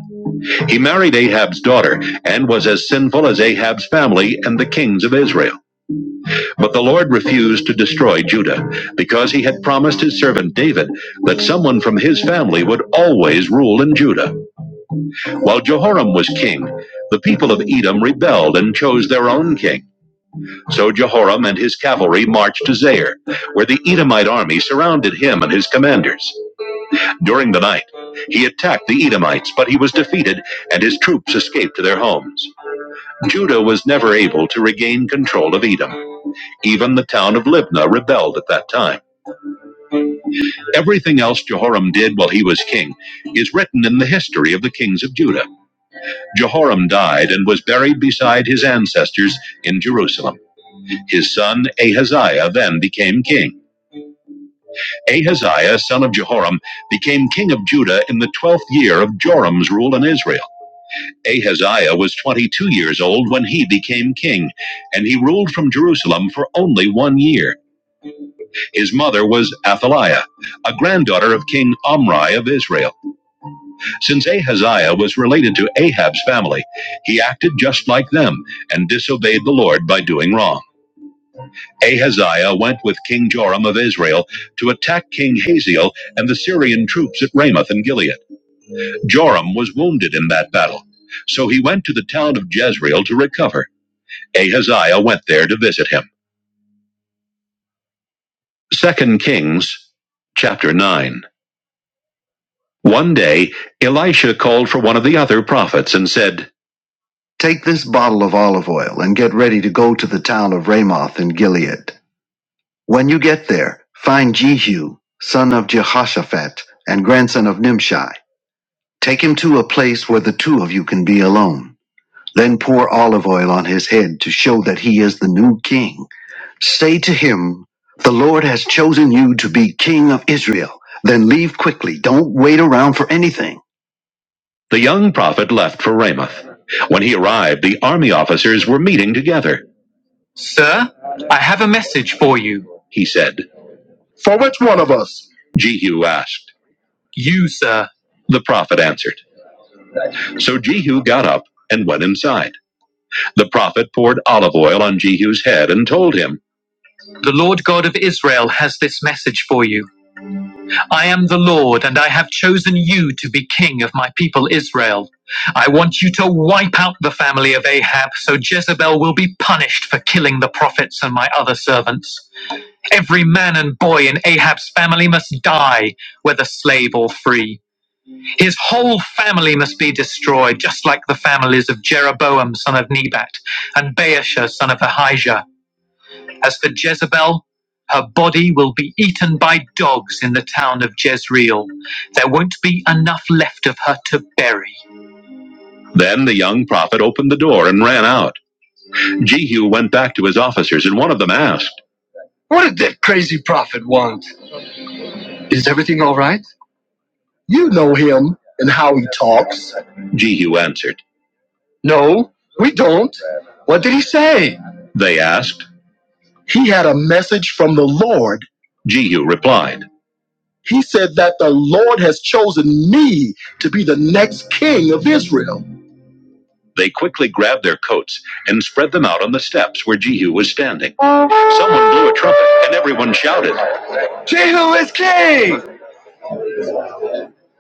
[SPEAKER 1] He married Ahab's daughter and was as sinful as Ahab's family and the kings of Israel. But the Lord refused to destroy Judah because he had promised his servant David that someone from his family would always rule in Judah. While Jehoram was king, the people of Edom rebelled and chose their own king. So Jehoram and his cavalry marched to Zair, where the Edomite army surrounded him and his commanders. During the night, he attacked the Edomites, but he was defeated and his troops escaped to their homes. Judah was never able to regain control of Edom. Even the town of Libnah rebelled at that time. Everything else Jehoram did while he was king is written in the history of the kings of Judah. Jehoram died and was buried beside his ancestors in Jerusalem. His son Ahaziah then became king. Ahaziah, son of Jehoram, became king of Judah in the 12th year of Joram's rule in Israel. Ahaziah was 22 years old when he became king, and he ruled from Jerusalem for only one year. His mother was Athaliah, a granddaughter of King Omri of Israel. Since Ahaziah was related to Ahab's family, he acted just like them and disobeyed the Lord by doing wrong. Ahaziah went with King Joram of Israel to attack King Hazael and the Syrian troops at Ramoth and Gilead. Joram was wounded in that battle, so he went to the town of Jezreel to recover. Ahaziah went there to visit him. Second Kings chapter 9. One day, Elisha called for one of the other prophets and said, Take this bottle of olive oil and get ready to go to the town of Ramoth in Gilead. When you get there, find Jehu, son of Jehoshaphat and grandson of Nimshi. Take him to a place where the two of you can be alone. Then pour olive oil on his head to show that he is the new king. Say to him, 'The Lord to be king of Israel. Leave quickly. Don't wait The young prophet left for Ramoth. When he arrived, the army officers were meeting together. Sir, I have a message for you, he said. Jehu asked, You, sir. The prophet answered. So Jehu got up and went inside. The prophet poured olive oil on Jehu's head and told him, The Lord God of Israel has this message for you. I am the Lord, and I have chosen you to be king of my people Israel. I want you to wipe out the family of Ahab, so Jezebel will be punished for killing the prophets and my other servants. Every man and boy in Ahab's family must die, whether slave or free. His whole family must be destroyed, just like the families of Jeroboam son of Nebat and Baasha son of Ahijah as for Jezebel, her body will be eaten by dogs in the town of Jezreel. There won't be enough left of her to bury. Then the young prophet opened the door and ran out. Jehu went back to his officers, and one of them asked, What did that crazy prophet want? Is everything all right? You know him and how he talks. Jehu answered, No, we don't. What did he say? They asked. He had a message from the Lord. Jehu replied. He said that the Lord has chosen me to be the next king of Israel. They quickly grabbed their coats and spread them out on the steps where Jehu was standing. Someone blew a trumpet and everyone shouted, Who is king?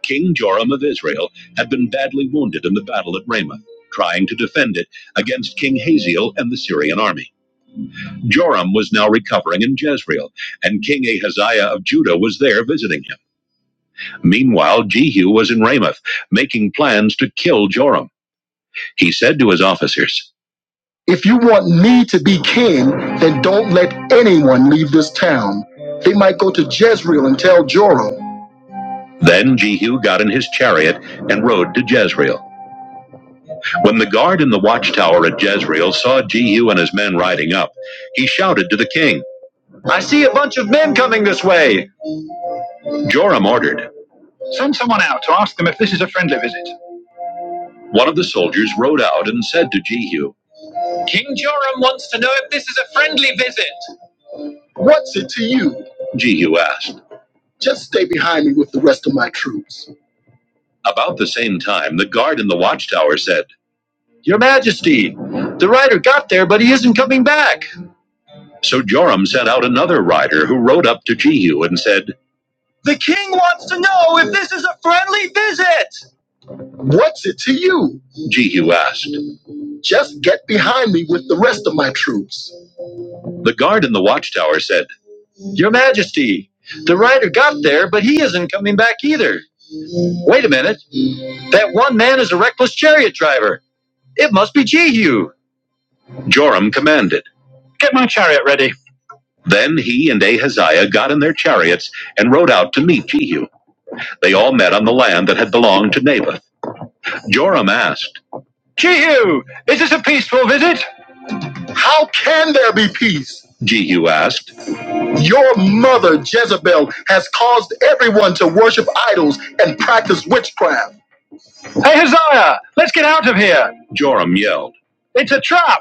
[SPEAKER 1] King Joram of Israel had been badly wounded in the battle at Ramoth, trying to defend it against King Hazael and the Syrian army. Joram was now recovering in Jezreel, and King Ahaziah of Judah was there visiting him. Meanwhile, Jehu was in Ramoth, making plans to kill Joram. He said to his officers, If you want me to be king, then don't let anyone leave this town. Then Jehu got in his chariot and rode to Jezreel. When the guard in the watchtower at Jezreel saw Jehu and his men riding up, he shouted to the king, I see a bunch of men coming this way. Joram ordered, Send someone out to ask them if this is a friendly visit. One of the soldiers rode out and said to Jehu, King Joram wants to know if this is a friendly visit. What's it to you? Jehu asked. Just stay behind me with the rest of my troops. About the same time, the guard in the watchtower said, Your Majesty, the rider got there, but he isn't coming back. So Joram sent out another rider who rode up to Jehu and said, What's it to you? Jehu asked. Just get behind me with the rest of my troops. The guard in the watchtower said, Your Majesty, the rider got there, but he isn't coming back either. Wait a minute. That one man is a reckless chariot driver. It must be Jehu. Joram commanded, Get my chariot ready. Then he and Ahaziah got in their chariots and rode out to meet Jehu. They all met on the land that had belonged to Naboth. Joram asked, Jehu, is this a peaceful visit? How can there be peace? Jehu asked, Your mother, Jezebel, has caused everyone to worship idols and practice witchcraft. Ahaziah, let's get out of here, Joram yelled. It's a trap.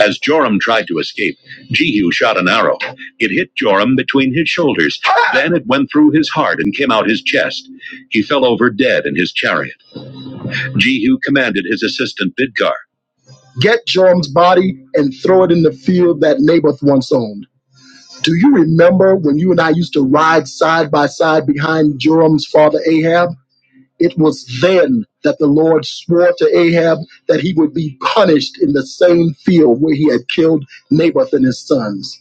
[SPEAKER 1] As Joram tried to escape, Jehu shot an arrow. It hit Joram between his shoulders. Then it went through his heart and came out his chest. He fell over dead in his chariot. Jehu commanded his assistant Bidkar. Get Joram's body and throw it in the field that Naboth once owned. Do you remember when you and I used to ride side by side behind Joram's father Ahab? It was then that the Lord swore to Ahab that he would be punished in the same field where he had killed Naboth and his sons.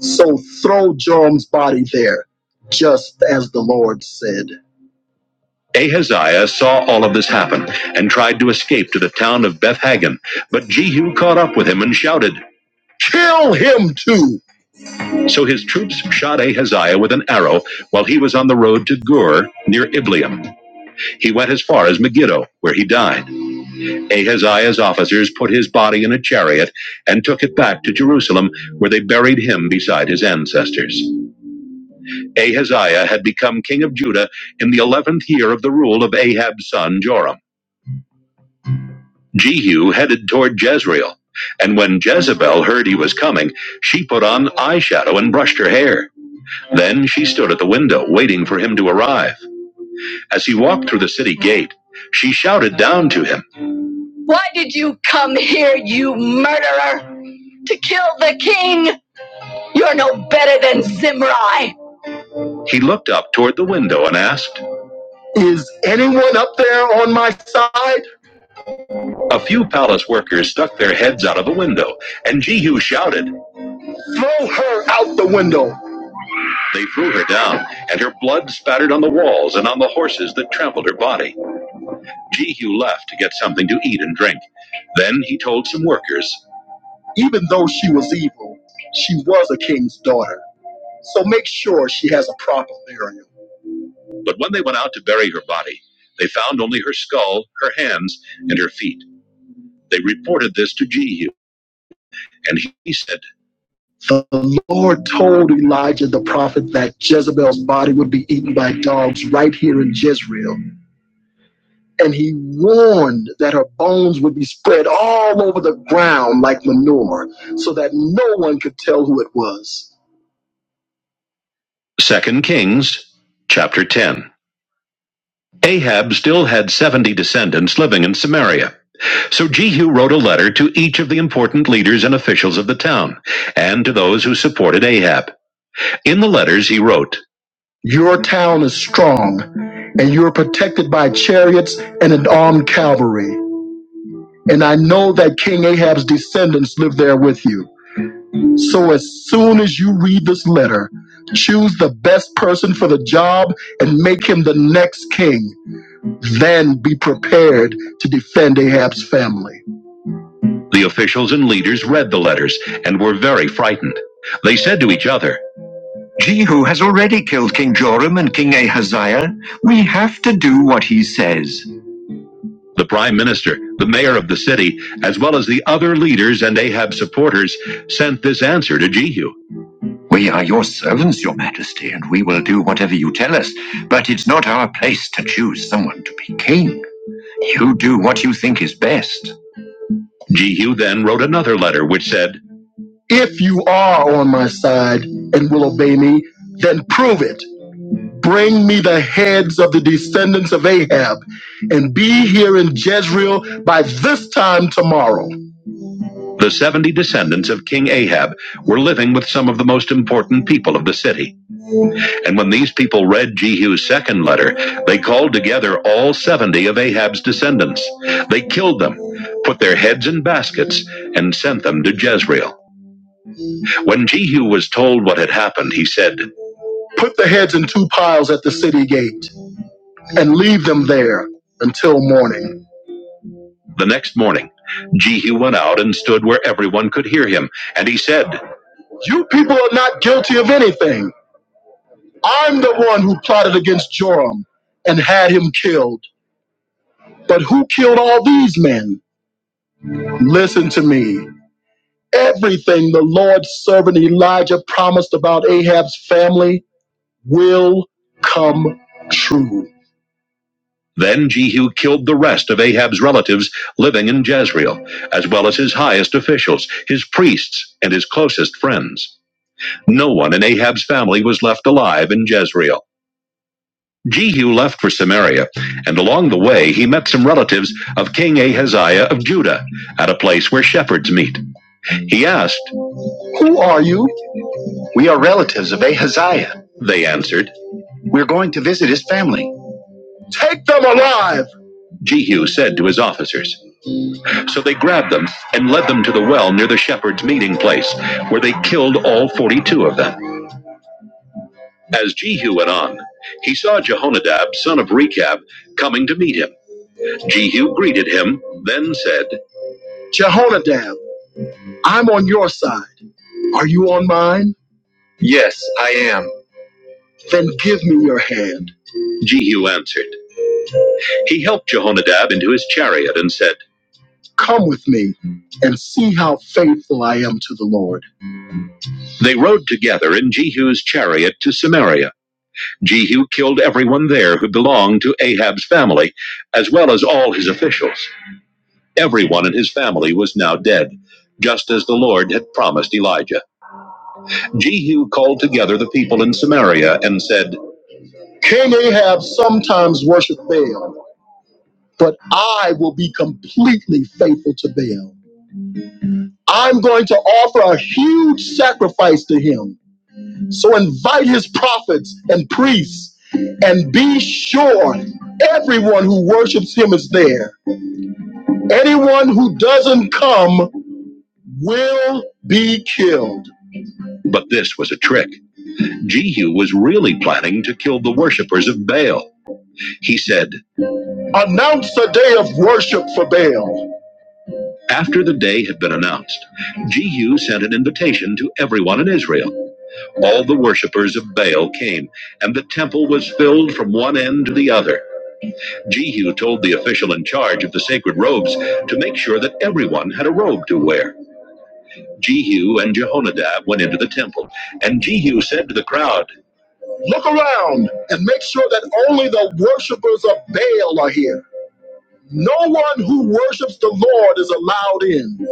[SPEAKER 1] So throw Joram's body there, just as the Lord said. Ahaziah saw all of this happen and tried to escape to the town of Beth Hagen, but Jehu caught up with him and shouted, Kill him too! So his troops shot Ahaziah with an arrow while he was on the road to Gur near Ibleam. He went as far as Megiddo, where he died. Ahaziah's officers put his body in a chariot and took it back to Jerusalem, where they buried him beside his ancestors. Ahaziah had become king of Judah in the eleventh year of the rule of Ahab's son Joram. Jehu headed toward Jezreel, and when Jezebel heard he was coming, she put on eyeshadow and brushed her hair. Then she stood at the window waiting for him to arrive. As he walked through the city gate, she shouted down to him, Why did you come here, you murderer? to kill the king. You're no better than Zimri. He looked up toward the window and asked, Is anyone up there on my side? A few palace workers stuck their heads out of the window, and Jehu shouted, Throw her out the window. They threw her down, and her blood spattered on the walls and on the horses that trampled her body. Jehu left to get something to eat and drink. Then he told some workers, Even though she was evil, she was a king's daughter. So make sure she has a proper burial. But when they went out to bury her body, they found only her skull, her hands, and her feet. They reported this to Jehu, and he said, The Lord told Elijah the prophet that Jezebel's body would be eaten by dogs right here in Jezreel. And he warned that her bones would be spread all over the ground like manure, so that no one could tell who it was. Second Kings chapter 10. Ahab still had 70 descendants living in Samaria. So Jehu wrote a letter to each of the important leaders and officials of the town, and to those who supported Ahab. In the letters, he wrote Your town is strong, and you are protected by chariots and an armed cavalry. And I know that King Ahab's descendants live there with you. So as soon as you read this letter, choose the best person for the job and make him the next king. Then be prepared to defend Ahab's family. The officials and leaders read the letters and were very frightened. They said to each other, Jehu has already killed King Joram and King Ahaziah. We have to do what he says. The prime minister, the mayor of the city, as well as the other leaders and Ahab's supporters, sent this answer to Jehu. We are your servants, your majesty, and we will do whatever you tell us. But it's not our place to choose someone to be king. You do what you think is best. Jehu then wrote another letter which said, If you are on my side and will obey me, then prove it. Bring me the heads of the descendants of Ahab and be here in Jezreel by this time tomorrow. The 70 descendants of King Ahab were living with some of the most important people of the city. And when these people read Jehu's second letter, they called together all 70 of Ahab's descendants. They killed them, put their heads in baskets, and sent them to Jezreel. When Jehu was told what had happened, he said, Put the heads in two piles at the city gate and leave them there until morning. The next morning, Jehu went out and stood where everyone could hear him, and he said, You people are not guilty of anything. I'm the one who plotted against Joram and had him killed. But who killed all these men? Listen to me. Everything the Lord's servant Elijah promised about Ahab's family will come true. Then Jehu killed the rest of Ahab's relatives living in Jezreel, as well as his highest officials, his priests, and his closest friends. No one in Ahab's family was left alive in Jezreel. Jehu left for Samaria, and along the way he met some relatives of King Ahaziah of Judah at a place where shepherds meet. He asked, We are relatives of Ahaziah. They answered, We're going to visit his family. Jehu said to his officers, So they grabbed them and led them to the well near the shepherd's meeting place, where they killed all 42 of them. As Jehu went on, he saw Jehonadab, son of Rechab, coming to meet him. Jehu greeted him, then said, Jehonadab, I'm on your side. Are you on mine? Then give me your hand. Jehu answered. He helped Jehonadab into his chariot and said, Come with me and see how faithful I am to the Lord. They rode together in Jehu's chariot to Samaria. Jehu killed everyone there who belonged to Ahab's family, as well as all his officials. Everyone in his family was now dead, just as the Lord had promised Elijah. Jehu called together the people in Samaria and said, King Ahab sometimes worshiped Baal, but I will be completely faithful to Baal. I'm going to offer a huge sacrifice to him. So invite his prophets and priests and be sure everyone who worships him is there. Anyone who doesn't come will be killed. But this was a trick. Jehu was really planning to kill the worshippers of Baal. He said, Announce a day of worship for Baal. After the day had been announced, Jehu sent an invitation to everyone in Israel. All the worshippers of Baal came, and the temple was filled from one end to the other. Jehu told the official in charge of the sacred robes to make sure that everyone had a robe to wear. Jehu and Jehonadab went into the temple, and Jehu said to the crowd, Look around and make sure that only the worshippers of Baal are here. No one who worships the Lord is allowed in.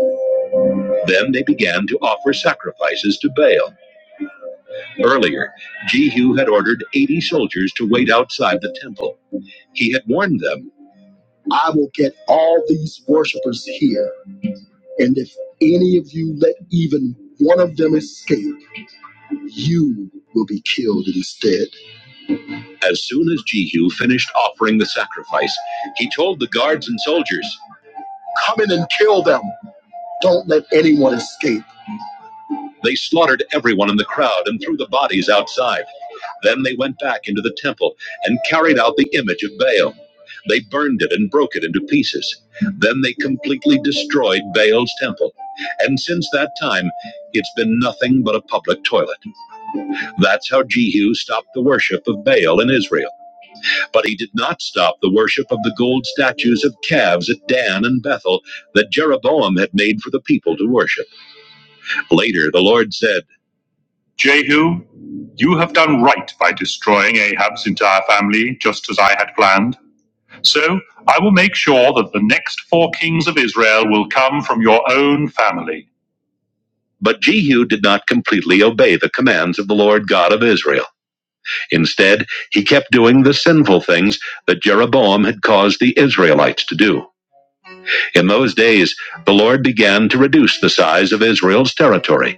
[SPEAKER 1] Then they began to offer sacrifices to Baal. Earlier, Jehu had ordered 80 soldiers to wait outside the temple. He had warned them I will get all these worshippers here, and if any of you let even one of them escape, you will be killed instead. As soon as Jehu finished offering the sacrifice, he told the guards and soldiers, Come in and kill them. Don't let anyone escape. They slaughtered everyone in the crowd and threw the bodies outside. Then they went back into the temple and carried out the image of Baal. They burned it and broke it into pieces. Then they completely destroyed Baal's temple. And since that time, it's been nothing but a public toilet. That's how Jehu stopped the worship of Baal in Israel. But he did not stop the worship of the gold statues of calves at Dan and Bethel that Jeroboam had made for the people to worship. Later, the Lord said, Jehu, you have done right by destroying Ahab's entire family, just as I had planned. So I will make sure that the next four kings of Israel will come from your own family. But Jehu did not completely obey the commands of the Lord God of Israel. Instead, he kept doing the sinful things that Jeroboam had caused the Israelites to do. In those days, the Lord began to reduce the size of Israel's territory.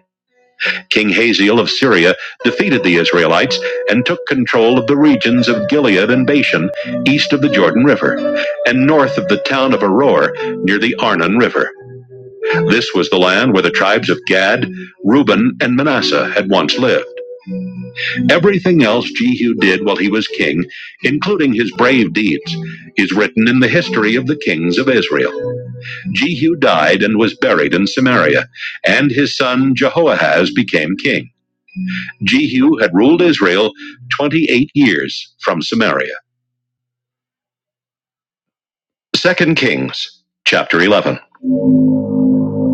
[SPEAKER 1] King Hazael of Syria defeated the Israelites and took control of the regions of Gilead and Bashan, east of the Jordan River, and north of the town of Aror, near the Arnon River. This was the land where the tribes of Gad, Reuben, and Manasseh had once lived. Everything else Jehu did while he was king, including his brave deeds, is written in the history of the kings of Israel. Jehu died and was buried in Samaria, and his son Jehoahaz became king. Jehu had ruled Israel 28 years from Samaria. Second Kings chapter 11.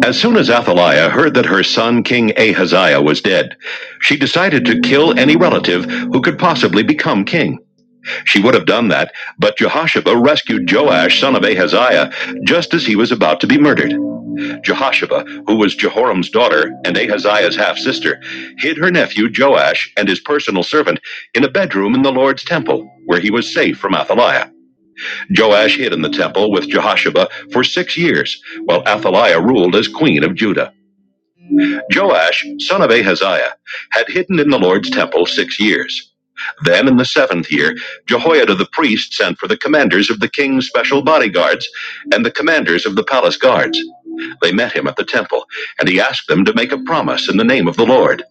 [SPEAKER 1] As soon as Athaliah heard that her son King Ahaziah was dead, she decided to kill any relative who could possibly become king. She would have done that, but Jehoshaphat rescued Joash son of Ahaziah just as he was about to be murdered. Jehoshaphat, who was Jehoram's daughter and Ahaziah's half sister, hid her nephew Joash and his personal servant in a bedroom in the Lord's temple, where he was safe from Athaliah. Joash hid in the temple with Jehoshaphat for six years, while Athaliah ruled as queen of Judah. Joash, son of Ahaziah, had hidden in the Lord's temple six years. Then in the seventh year, Jehoiada the priest sent for the commanders of the king's special bodyguards and the commanders of the palace guards. They met him at the temple, and he asked them to make a promise in the name of the Lord.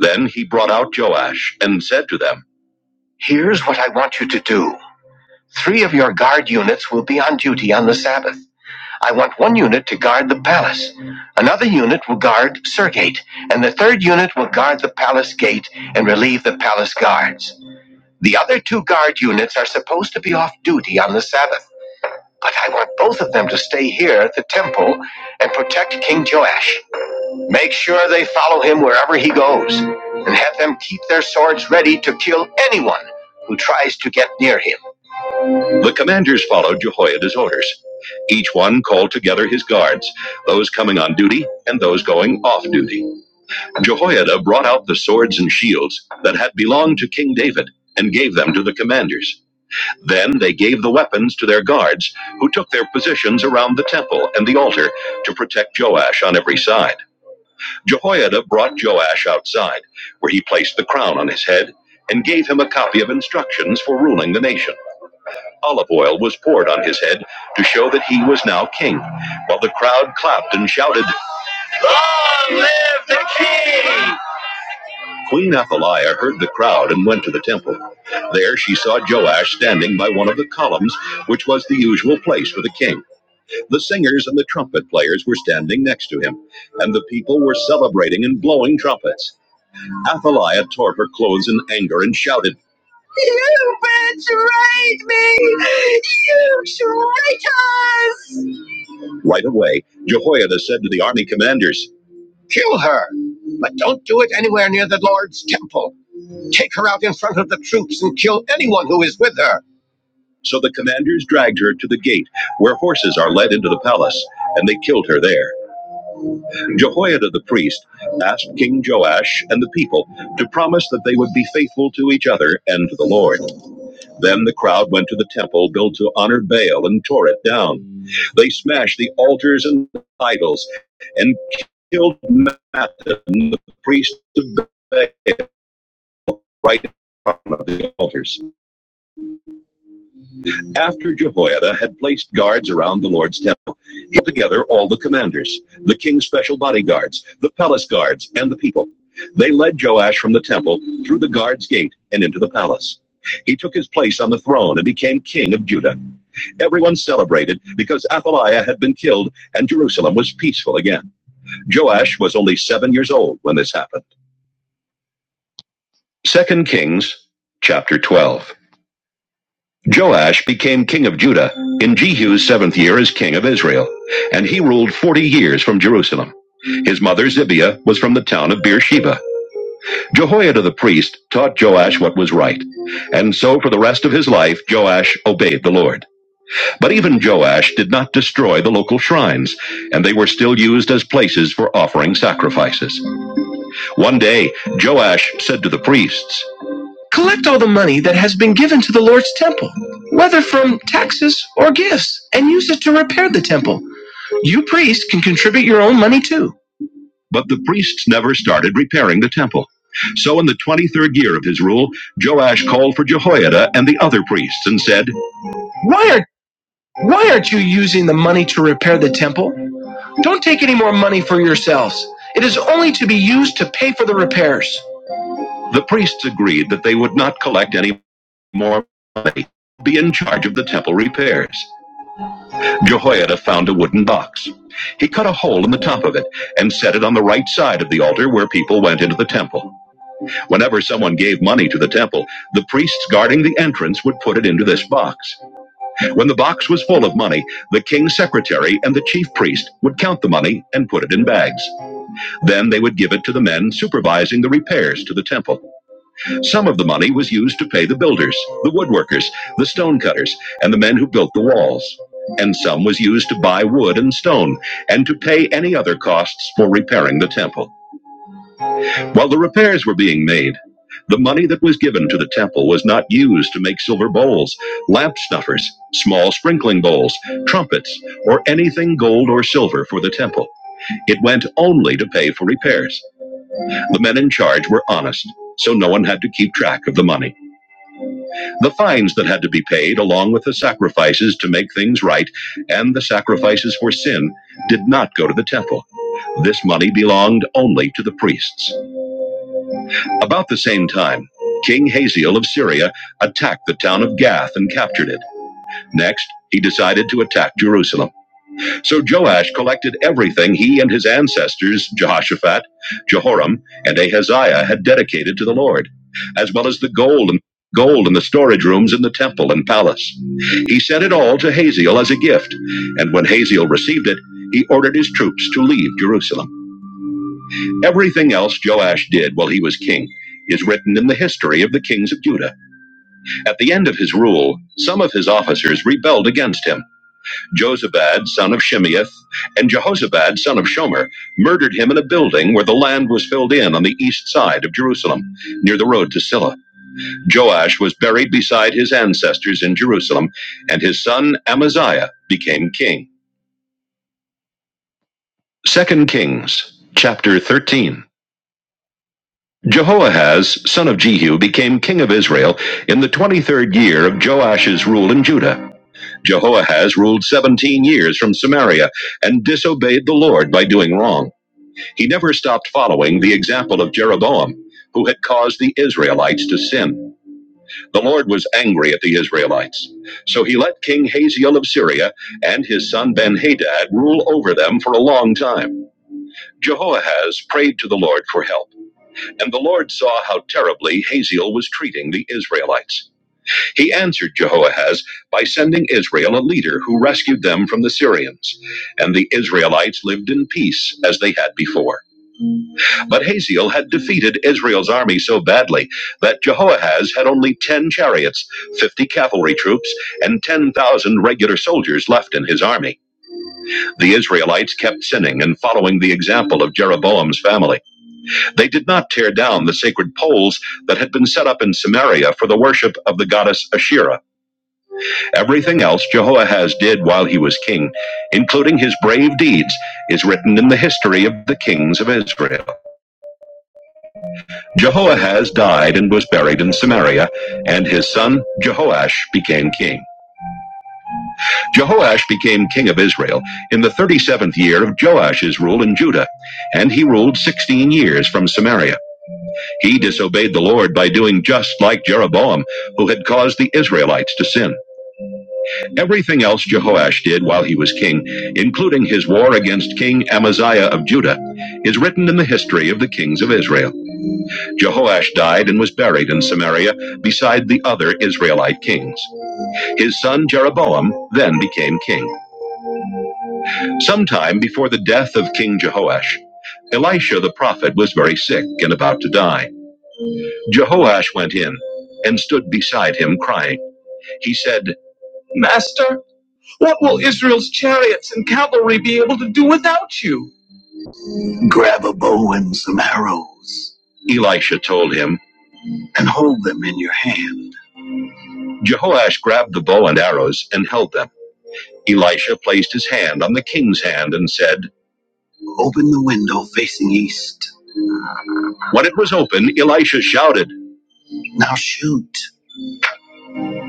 [SPEAKER 1] Then he brought out Joash and said to them, Here's what I want you to do. Three of your guard units will be on duty on the Sabbath. I want one unit to guard the palace, another unit will guard Surgate, and the third unit will guard the palace gate and relieve the palace guards. The other two guard units are supposed to be off duty on the Sabbath, but I want both of them to stay here at the temple and protect King Joash. Make sure they follow him wherever and keep them. The commanders followed Jehoiada's orders. Each one called together his guards, those coming on duty and those going off duty. Jehoiada brought out the swords and shields that had belonged to King David and gave them to the commanders. Then they gave the weapons to their guards, who took their positions around the temple and the altar to protect Joash on every side. Jehoiada brought Joash outside, where he placed the crown on his head and gave him a copy of instructions for ruling the nation. Olive oil was poured on his head to show that he was now king, while the crowd clapped and shouted. Queen Athaliah heard the crowd and went to the temple. There she saw Joash standing by one of the columns, which was the usual place for the king. The singers and the trumpet players were standing next to him, and the people were celebrating and blowing trumpets. Athaliah tore her clothes in anger and shouted. Right away, Jehoiada said to the army commanders, Kill her, but don't do it anywhere near the Lord's temple. Take her out in front of the troops and kill anyone who is with her. So the commanders dragged her to the gate, where horses are led into the palace, and they killed her there. Jehoiada the priest asked King Joash and the people to promise that they would be faithful to each other and to the Lord. Then the crowd went to the temple built to honor Baal and tore it down. They smashed the altars and idols and killed Mattan, the priest of Baal, right in front of the altars. After Jehoiada had placed guards around the Lord's temple, he put together all the commanders, the king's special bodyguards, the palace guards, and the people. They led Joash from the temple through the guard's gate and into the palace. He took his place on the throne and became king of Judah. Everyone celebrated because Athaliah had been killed and Jerusalem was peaceful again. Joash was only seven years old when this happened. Second Kings chapter 12. Joash became king of Judah in Jehu's seventh year as king of Israel, and he ruled 40 years from Jerusalem. His mother Zibiah was from the town of Beersheba. Jehoiada the priest taught Joash what was right, and so for the rest of his life Joash obeyed the Lord. But even Joash did not destroy the local shrines, and they were still used as places for offering sacrifices. One day, Joash said to the priests, Collect all the money that has been given to the Lord's temple, whether from taxes or gifts, and use it to repair the temple. You priests can contribute your own money too. But the priests never started repairing the temple. So, in the 23rd year of his rule, Joash called for Jehoiada and the other priests and said, "Why are?" Why aren't you using the money to repair the temple? Don't take any more money for yourselves. It is only to be used to pay for the repairs. The priests agreed that they would not collect any more money, be in charge of the temple repairs. Jehoiada found a wooden box. He cut a hole in the top of it and set it on the right side of the altar where people went into the temple. Whenever someone gave money to the temple, the priests guarding the entrance would put it into this box. When the box was full of money, the king's secretary and the chief priest would count the money and put it in bags. Then they would give it to the men supervising the repairs to the temple. Some of the money was used to pay the builders, the woodworkers, the stonecutters, and the men who built the walls. And some was used to buy wood and stone and to pay any other costs for repairing the temple. While the repairs were being made, the money that was given to the temple was not used to make silver bowls, lamp snuffers, small sprinkling bowls, trumpets, or anything gold or silver for the temple. It went only to pay for repairs. The men in charge were honest, so no one had to keep track of the money. The fines that had to be paid, along with the sacrifices to make things right, and the sacrifices for sin, did not go to the temple. This money belonged only to the priests. About the same time, King Hazael of Syria attacked the town of Gath and captured it. Next, he decided to attack Jerusalem. So Joash collected everything he and his ancestors, Jehoshaphat, Jehoram, and Ahaziah, had dedicated to the Lord, as well as the gold and gold in the storage rooms in the temple and palace. He sent it all to Hazael as a gift, and when Hazael received it, he ordered his troops to leave Jerusalem. Everything else Joash did while he was king is written in the history of the kings of Judah. At the end of his rule, some of his officers rebelled against him. Josabad, son of Shimeath, and Jehozabad, son of Shomer, murdered him in a building where the land was filled in on the east side of Jerusalem, near the road to Silla. Joash was buried beside his ancestors in Jerusalem, and his son Amaziah became king. Second Kings, chapter 13. Jehoahaz, son of Jehu, became king of Israel in the 23rd year of Joash's rule in Judah. Jehoahaz ruled 17 years from Samaria and disobeyed the Lord by doing wrong. He never stopped following the example of Jeroboam, who had caused the Israelites to sin. The Lord was angry at the Israelites. So he let King Hazael of Syria and his son Benhadad rule over them for a long time. Jehoahaz prayed to the Lord for help. And the Lord saw how terribly Hazael was treating the Israelites. He answered Jehoahaz by sending Israel a leader who rescued them from the Syrians. And the Israelites lived in peace as they had before. But Hazael had defeated Israel's army so badly that Jehoahaz had only 10 chariots, 50 cavalry troops, and 10,000 regular soldiers left in his army. The Israelites kept sinning and following the example of Jeroboam's family. They did not tear down the sacred poles that had been set up in Samaria for the worship of the goddess Asherah. Everything else Jehoahaz did while he was king, including his brave deeds, is written in the history of the kings of Israel. Jehoahaz died and was buried in Samaria, and his son Jehoash became king. Jehoash became king of Israel in the 37th year of Joash's rule in Judah, and he ruled 16 years from Samaria. He disobeyed the Lord by doing just like Jeroboam, who had caused the Israelites to sin. Everything else Jehoash did while he was king, including his war against King Amaziah of Judah, is written in the history of the kings of Israel. Jehoash died and was buried in Samaria beside the other Israelite kings. His son Jeroboam then became king. Sometime before the death of King Jehoash, Elisha the prophet was very sick and about to die. Jehoash went in and stood beside him, crying. He said, Master, what will Israel's chariots and cavalry be able to do without you? Grab a bow and some arrows. Elisha told him, and hold them in your hand. Jehoash grabbed the bow and arrows and held them. Elisha placed his hand on the king's hand and said, Open the window facing east. When it was open, Elisha shouted, Now shoot.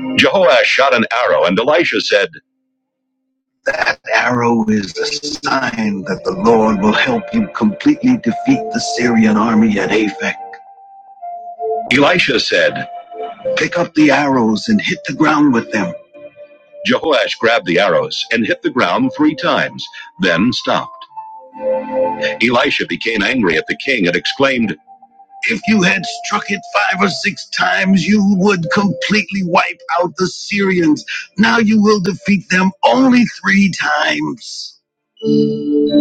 [SPEAKER 1] Jehoash shot an arrow, and Elisha said, That arrow is a sign that the Lord will help you completely defeat the Syrian army at Aphek. Elisha said, Pick up the arrows and hit the ground with them. Jehoash grabbed the arrows and hit the ground three times, then stopped. Elisha became angry at the king and exclaimed, If you had struck it five or six times, you would completely wipe out the Syrians. Now you will defeat them only three times.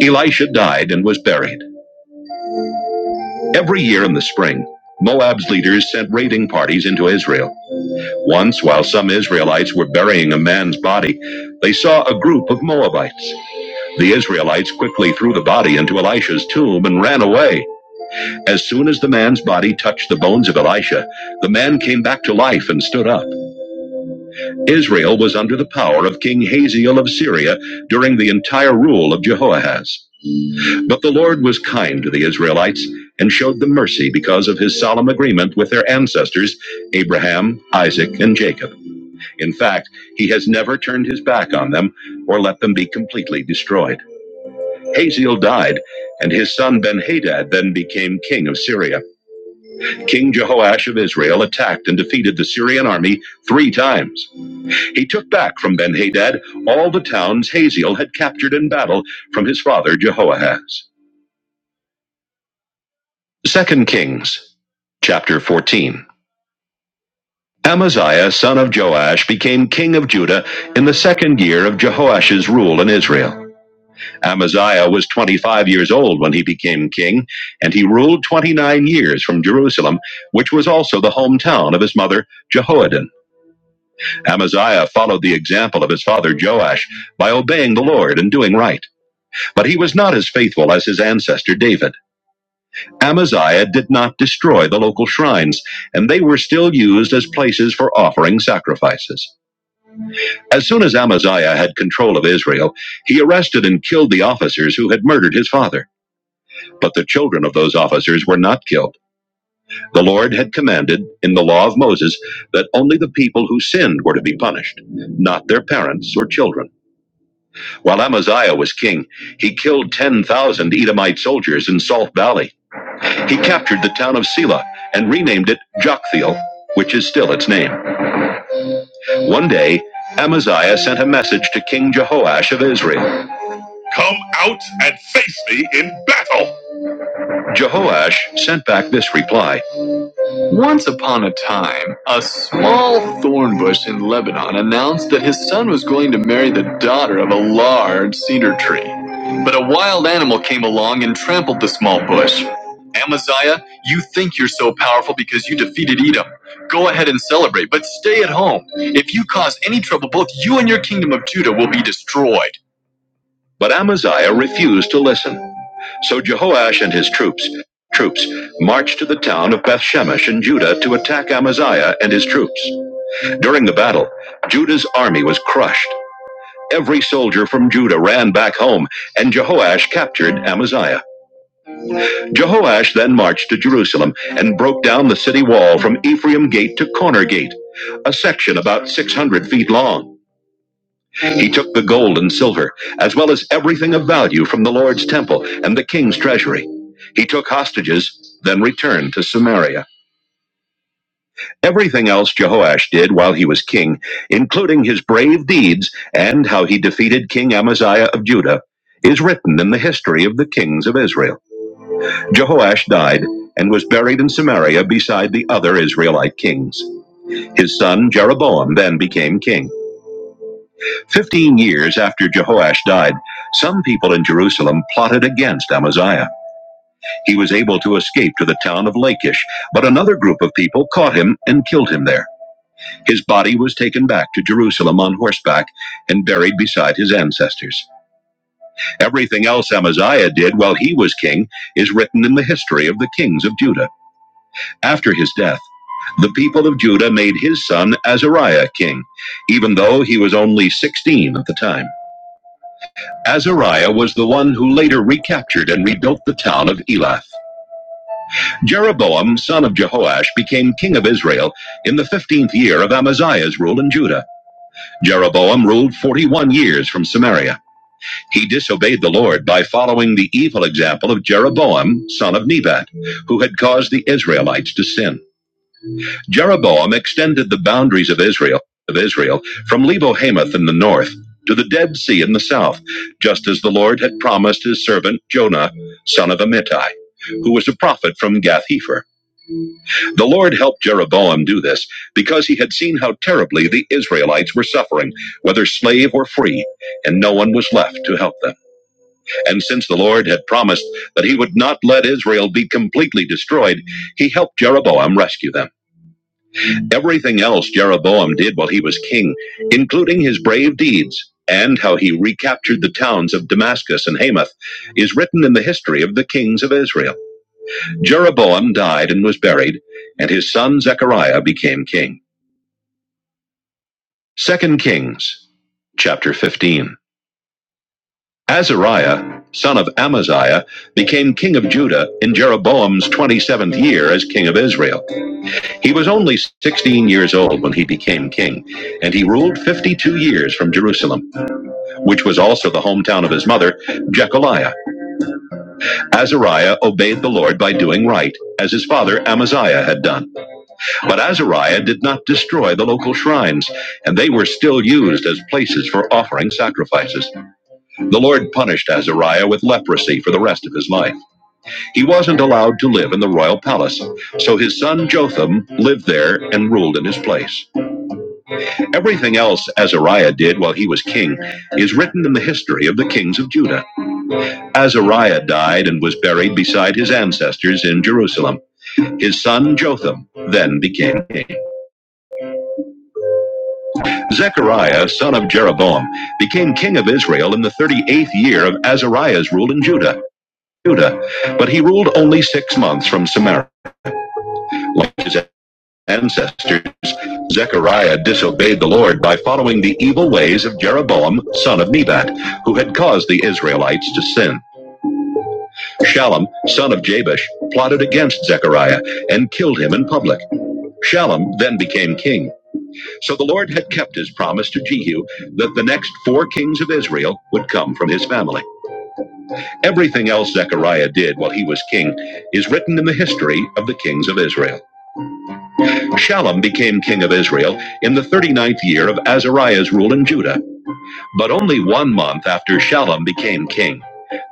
[SPEAKER 1] Elisha died and was buried. Every year in the spring, Moab's leaders sent raiding parties into Israel. Once, while some Israelites were burying a man's body, they saw a group of Moabites. The Israelites quickly threw the body into Elisha's tomb and ran away. As soon as the man's body touched the bones of Elisha, the man came back to life and stood up. Israel was under the power of King Hazael of Syria during the entire rule of Jehoahaz. But the Lord was kind to the Israelites and showed them mercy because of his solemn agreement with their ancestors, Abraham, Isaac, and Jacob. In fact, he has never turned his back on them or let them be completely destroyed. Haziel died, and his son Ben-Hadad then became king of Syria. King Jehoash of Israel attacked and defeated the Syrian army three times. He took back from Ben-Hadad all the towns Haziel had captured in battle from his father Jehoahaz. Second Kings chapter 14. Amaziah son of Joash became king of Judah in the second year of Jehoash's rule in Israel. Amaziah was 25 years old when he became king, and he ruled 29 years from Jerusalem, which was also the hometown of his mother Jehoiadin. Amaziah followed the example of his father Joash by obeying the Lord and doing right, but he was not as faithful as his ancestor David. Amaziah did not destroy the local shrines, and they were still used as places for offering sacrifices. As soon as Amaziah had control of Israel, he arrested and killed the officers who had murdered his father. But the children of those officers were not killed. The Lord had commanded, in the law of Moses, that only the people who sinned were to be punished, not their parents or children. While Amaziah was king, he killed 10,000 Edomite soldiers in Salt Valley. He captured the town of Sela and renamed it Jokthiel, which is still its name. One day, Amaziah sent a message to King Jehoash of Israel Come out and face me in battle! Jehoash sent back this reply. Once upon a time, a small thorn bush in Lebanon announced that his son was going to marry the daughter of a large cedar tree. But a wild animal came along and trampled the small bush. Amaziah, you think you're so powerful because you defeated Edom. Go ahead and celebrate, but stay at home. If you cause any trouble, both you and your kingdom of Judah will be destroyed. But Amaziah refused to listen. So Jehoash and his troops troops marched to the town of Bethshemesh in Judah to attack Amaziah and his troops. During the battle, Judah's army was crushed. Every soldier from Judah ran back home, and Jehoash captured Amaziah. Jehoash then marched to Jerusalem and broke down the city wall from Ephraim Gate to Corner Gate, a section about 600 feet long. He took the gold and silver, as well as everything of value from the Lord's temple and the king's treasury. He took hostages, then returned to Samaria. Everything else Jehoash did while he was king, including his brave deeds and how he defeated King Amaziah of Judah, is written in the history of the kings of Israel. Jehoash died and was buried in Samaria beside the other Israelite kings. His son Jeroboam then became king. Fifteen years after Jehoash died, some people in Jerusalem plotted against Amaziah. He was able to escape to the town of Lachish, but another group of people caught him and killed him there. His body was taken back to Jerusalem on horseback and buried beside his ancestors. Everything else Amaziah did while he was king is written in the history of the kings of Judah. After his death, the people of Judah made his son Azariah king, even though he was only 16 at the time. Azariah was the one who later recaptured and rebuilt the town of Elath. Jeroboam, son of Jehoash, became king of Israel in the 15th year of Amaziah's rule in Judah. Jeroboam ruled 41 years from Samaria. He disobeyed the Lord by following the evil example of Jeroboam, son of Nebat, who had caused the Israelites to sin. Jeroboam extended the boundaries of Israel of Israel from Lebo Hamath in the north to the Dead Sea in the south, just as the Lord had promised his servant Jonah, son of Amittai, who was a prophet from Gath Hefer. The Lord helped Jeroboam do this because he had seen how terribly the Israelites were suffering, whether slave or free, and no one was left to help them. And since the Lord had promised that he would not let Israel be completely destroyed, he helped Jeroboam rescue them. Everything else Jeroboam did while he was king, including his brave deeds and how he recaptured the towns of Damascus and Hamath, is written in the history of the kings of Israel. Jeroboam died and was buried, and his son Zechariah became king. Second Kings, chapter 15. Azariah, son of Amaziah, became king of Judah in Jeroboam's 27th year as king of Israel. He was only 16 years old when he became king, and he ruled 52 years from Jerusalem. which was also the hometown of his mother, Jechaliah. Azariah obeyed the Lord by doing right, as his father Amaziah had done. But Azariah did not destroy the local shrines, and they were still used as places for offering sacrifices. The Lord punished Azariah with leprosy for the rest of his life. He wasn't allowed to live in the royal palace, so his son Jotham lived there and ruled in his place. Everything else Azariah did while he was king is written in the history of the kings of Judah. Azariah died and was buried beside his ancestors in Jerusalem. His son Jotham then became king. Zechariah, son of Jeroboam, became king of Israel in the 38th year of Azariah's rule in Judah. Judah, but he ruled only six months from Samaria. Like his ancestors, Zechariah disobeyed the Lord by following the evil ways of Jeroboam, son of Nebat, who had caused the Israelites to sin. Shallum, son of Jabesh, plotted against Zechariah and killed him in public. Shallum then became king. So the Lord had kept his promise to Jehu that the next four kings of Israel would come from his family. Everything else Zechariah did while he was king is written in the history of the kings of Israel. Shallum became king of Israel in the thirty-ninth year of Azariah's rule in Judah, but only one month after Shallum became king.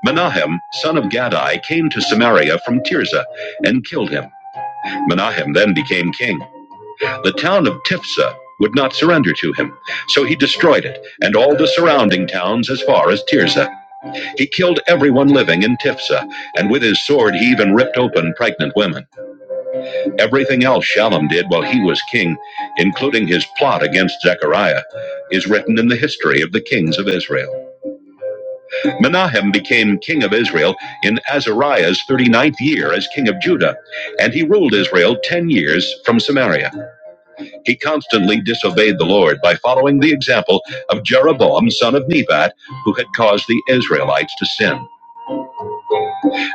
[SPEAKER 1] Menahem, son of Gadai, came to Samaria from Tirzah and killed him. Menahem then became king. The town of Tifsa would not surrender to him, so he destroyed it and all the surrounding towns as far as Tirzah. He killed everyone living in Tifsa, and with his sword he even ripped open pregnant women. Everything else Shallum did while he was king, including his plot against Zechariah, is written in the history of the kings of Israel. Menahem became king of Israel in Azariah's thirty-ninth year as king of Judah, and he ruled Israel 10 years from Samaria. He constantly disobeyed the Lord by following the example of Jeroboam, son of Nebat, who had caused the Israelites to sin.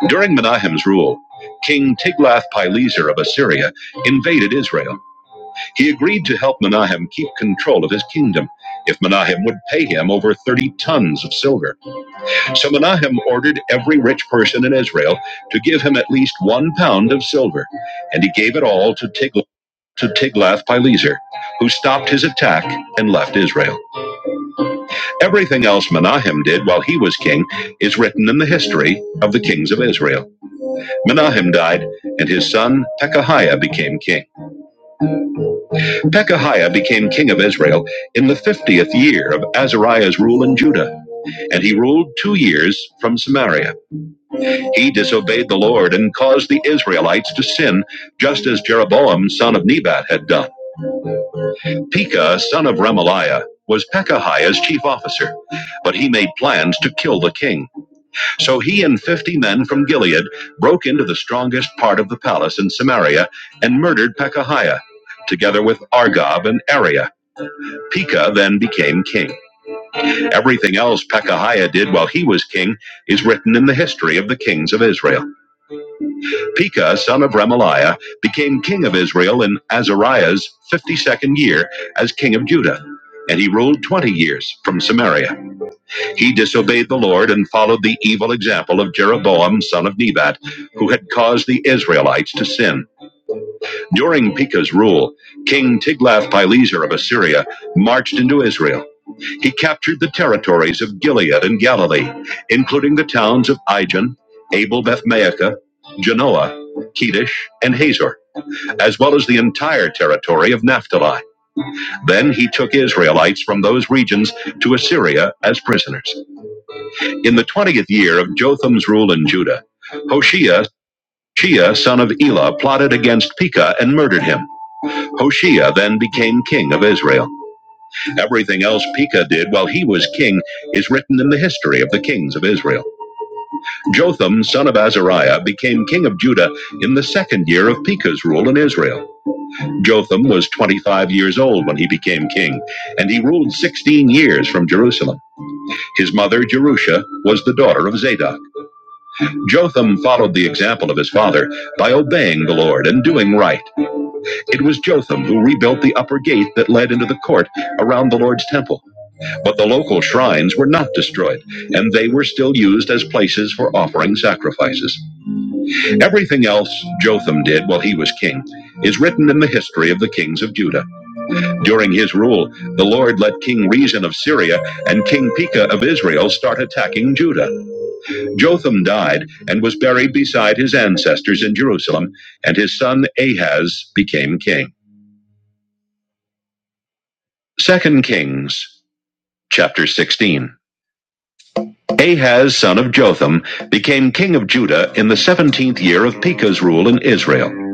[SPEAKER 1] During Menahem's rule, King Tiglath-Pileser of Assyria invaded Israel. He agreed to help Menahem keep control of his kingdom if Menahem would pay him over 30 tons of silver. So Menahem ordered every rich person in Israel to give him at least one pound of silver, and he gave it all to Tiglath. To Tiglath-Pileser, who stopped his attack and left Israel. Everything else Menahem did while he was king is written in the history of the kings of Israel. Menahem died, and his son Pekahiah became king. Pekahiah became king of Israel in the fiftieth year of Azariah's rule in Judah, and he ruled two years from Samaria. He disobeyed the Lord and caused the Israelites to sin, just as Jeroboam son of Nebat had done. Pekah son of Remaliah was Pekahiah's chief officer, but he made plans to kill the king. So he and 50 men from Gilead broke into the strongest part of the palace in Samaria and murdered Pekahiah. Together with Argob and Ariah. Pekah then became king. Everything else Pekahiah did while he was king is written in the history of the kings of Israel. Pekah, son of Remaliah, became king of Israel in Azariah's 52nd year as king of Judah, and he ruled 20 years from Samaria. He disobeyed the Lord and followed the evil example of Jeroboam, son of Nebat, who had caused the Israelites to sin. During Pekah's rule, King Tiglath-Pileser of Assyria marched into Israel he captured the territories of Gilead and Galilee, including the towns of Ijon, Abel Bethmaachah, Genoa, Kedesh, and Hazor, as well as the entire territory of Naphtali. Then he took Israelites from those regions to Assyria as prisoners. In the 20th year of Jotham's rule in Judah, Hoshea, Shea, son of Elah, plotted against Pekah and murdered him. Hoshea then became king of Israel. Everything else Pekah did while he was king is written in the history of the kings of Israel. Jotham, son of Azariah, became king of Judah in the second year of Pekah's rule in Israel. Jotham was 25 years old when he became king, and he ruled 16 years from Jerusalem. His mother, Jerusha, was the daughter of Zadok. Jotham followed the example of his father by obeying the Lord and doing right. It was Jotham who rebuilt the upper gate that led into the court around the Lord's temple. But the local shrines were not destroyed, and they were still used as places for offering sacrifices. Everything else Jotham did while he was king is written in the history of the kings of Judah. During his rule, the Lord let King Rezin of Syria and King Pekah of Israel start attacking Judah. Jotham died and was buried beside his ancestors in Jerusalem, and his son Ahaz became king. Second Kings chapter 16. Ahaz son of Jotham became king of Judah in the 17th year of Pekah's rule in Israel.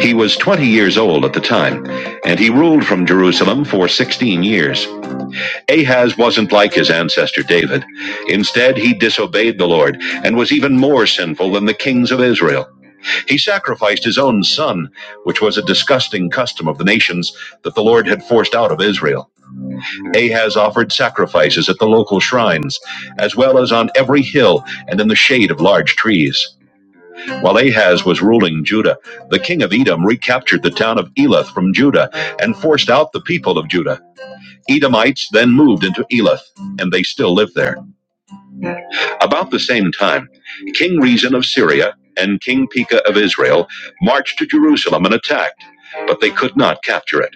[SPEAKER 1] He was 20 years old at the time, and he ruled from Jerusalem for 16 years. Ahaz wasn't like his ancestor David. Instead, he disobeyed the Lord and was even more sinful than the kings of Israel. He sacrificed his own son, which was a disgusting custom of the nations that the Lord had forced out of Israel. Ahaz offered sacrifices at the local shrines, as well as on every hill and in the shade of large trees. While Ahaz was ruling Judah, the king of Edom recaptured the town of Elath from Judah and forced out the people of Judah. Edomites then moved into Elath, and they still live there. About the same time, King Rezin of Syria and King Pekah of Israel marched to Jerusalem and attacked, but they could not capture it.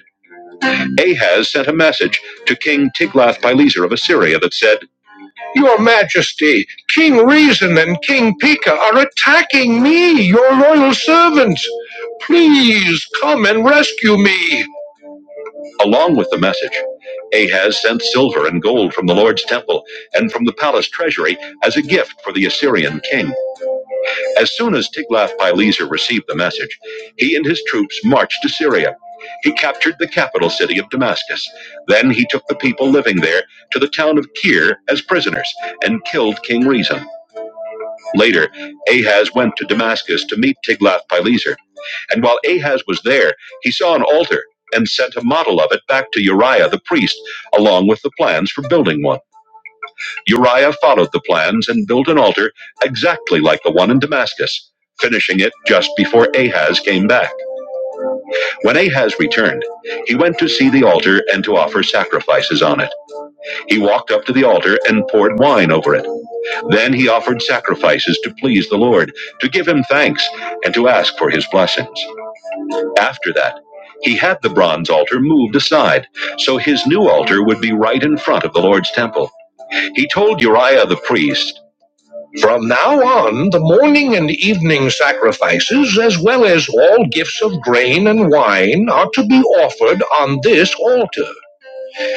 [SPEAKER 1] Ahaz sent a message to King Tiglath-Pileser of Assyria that said, Your Majesty, King Reason and King Pika are attacking me, your loyal servant. Please come and rescue me. Along with the message, Ahaz sent silver and gold from the Lord's temple and from the palace treasury as a gift for the Assyrian king. As soon as Tiglath-Pileser received the message, he and his troops marched to Syria. He captured the capital city of Damascus. Then he took the people living there to the town of Tyre as prisoners and killed King Reason. Later, Ahaz went to Damascus to meet Tiglath-Pileser. And while Ahaz was there, he saw an altar and sent a model of it back to Uriah the priest, along with the plans for building one. Uriah followed the plans and built an altar exactly like the one in Damascus, finishing it just before Ahaz came back. When Ahaz returned, he went to see the altar and to offer sacrifices on it. He walked up to the altar and poured wine over it. Then he offered sacrifices to please the Lord, to give him thanks, and to ask for his blessings. After that, he had the bronze altar moved aside, so his new altar would be right in front of the Lord's temple. He told Uriah the priest, Sacrifices as well as all gifts of grain and wine are to be offered on this altar.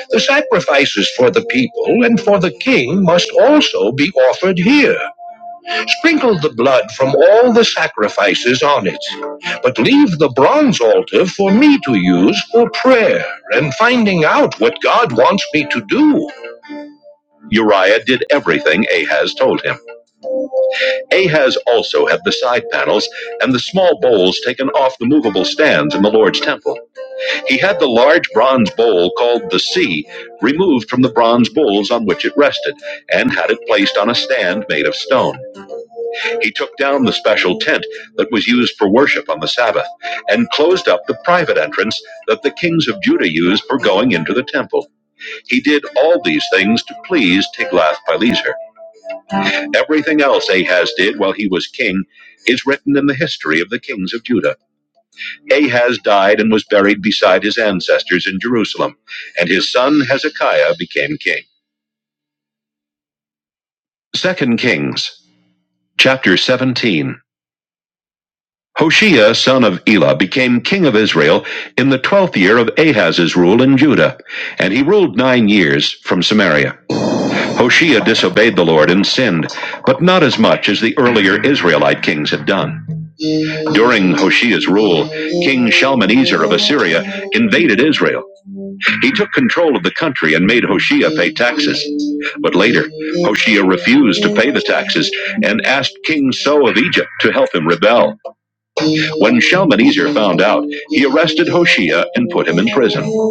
[SPEAKER 1] The sacrifices for the people and for the king must also be offered here. Sprinkle the blood from all the sacrifices on it, but leave the bronze altar for me to use for prayer and finding out what God wants me to do. Uriah did everything Ahaz told him. Ahaz also had the side panels and the small bowls taken off the movable stands in the Lord's temple. He had the large bronze bowl called the sea removed from the bronze bowls on which it rested and had it placed on a stand made of stone. He took down the special tent that was used for worship on the Sabbath and closed up the private entrance that the kings of Judah used for going into the temple. He did all these things to please Tiglath-Pileser. Everything else Ahaz did while he was king is written in the history of the kings of Judah. Ahaz died and was buried beside his ancestors in Jerusalem, and his son Hezekiah became king. Second Kings chapter 17 Hoshea son of Elah became king of Israel in the twelfth year of Ahaz's rule in Judah, and he ruled nine years from Samaria. Hoshea disobeyed the Lord and sinned, but not as much as the earlier Israelite kings had done. During Hoshea's rule, King Shalmaneser of Assyria invaded Israel. He took control of the country and made Hoshea pay taxes. But later, Hoshea refused to pay the taxes and asked King So of Egypt to help him rebel. When Shalmaneser found out, he arrested Hoshea and put him in prison.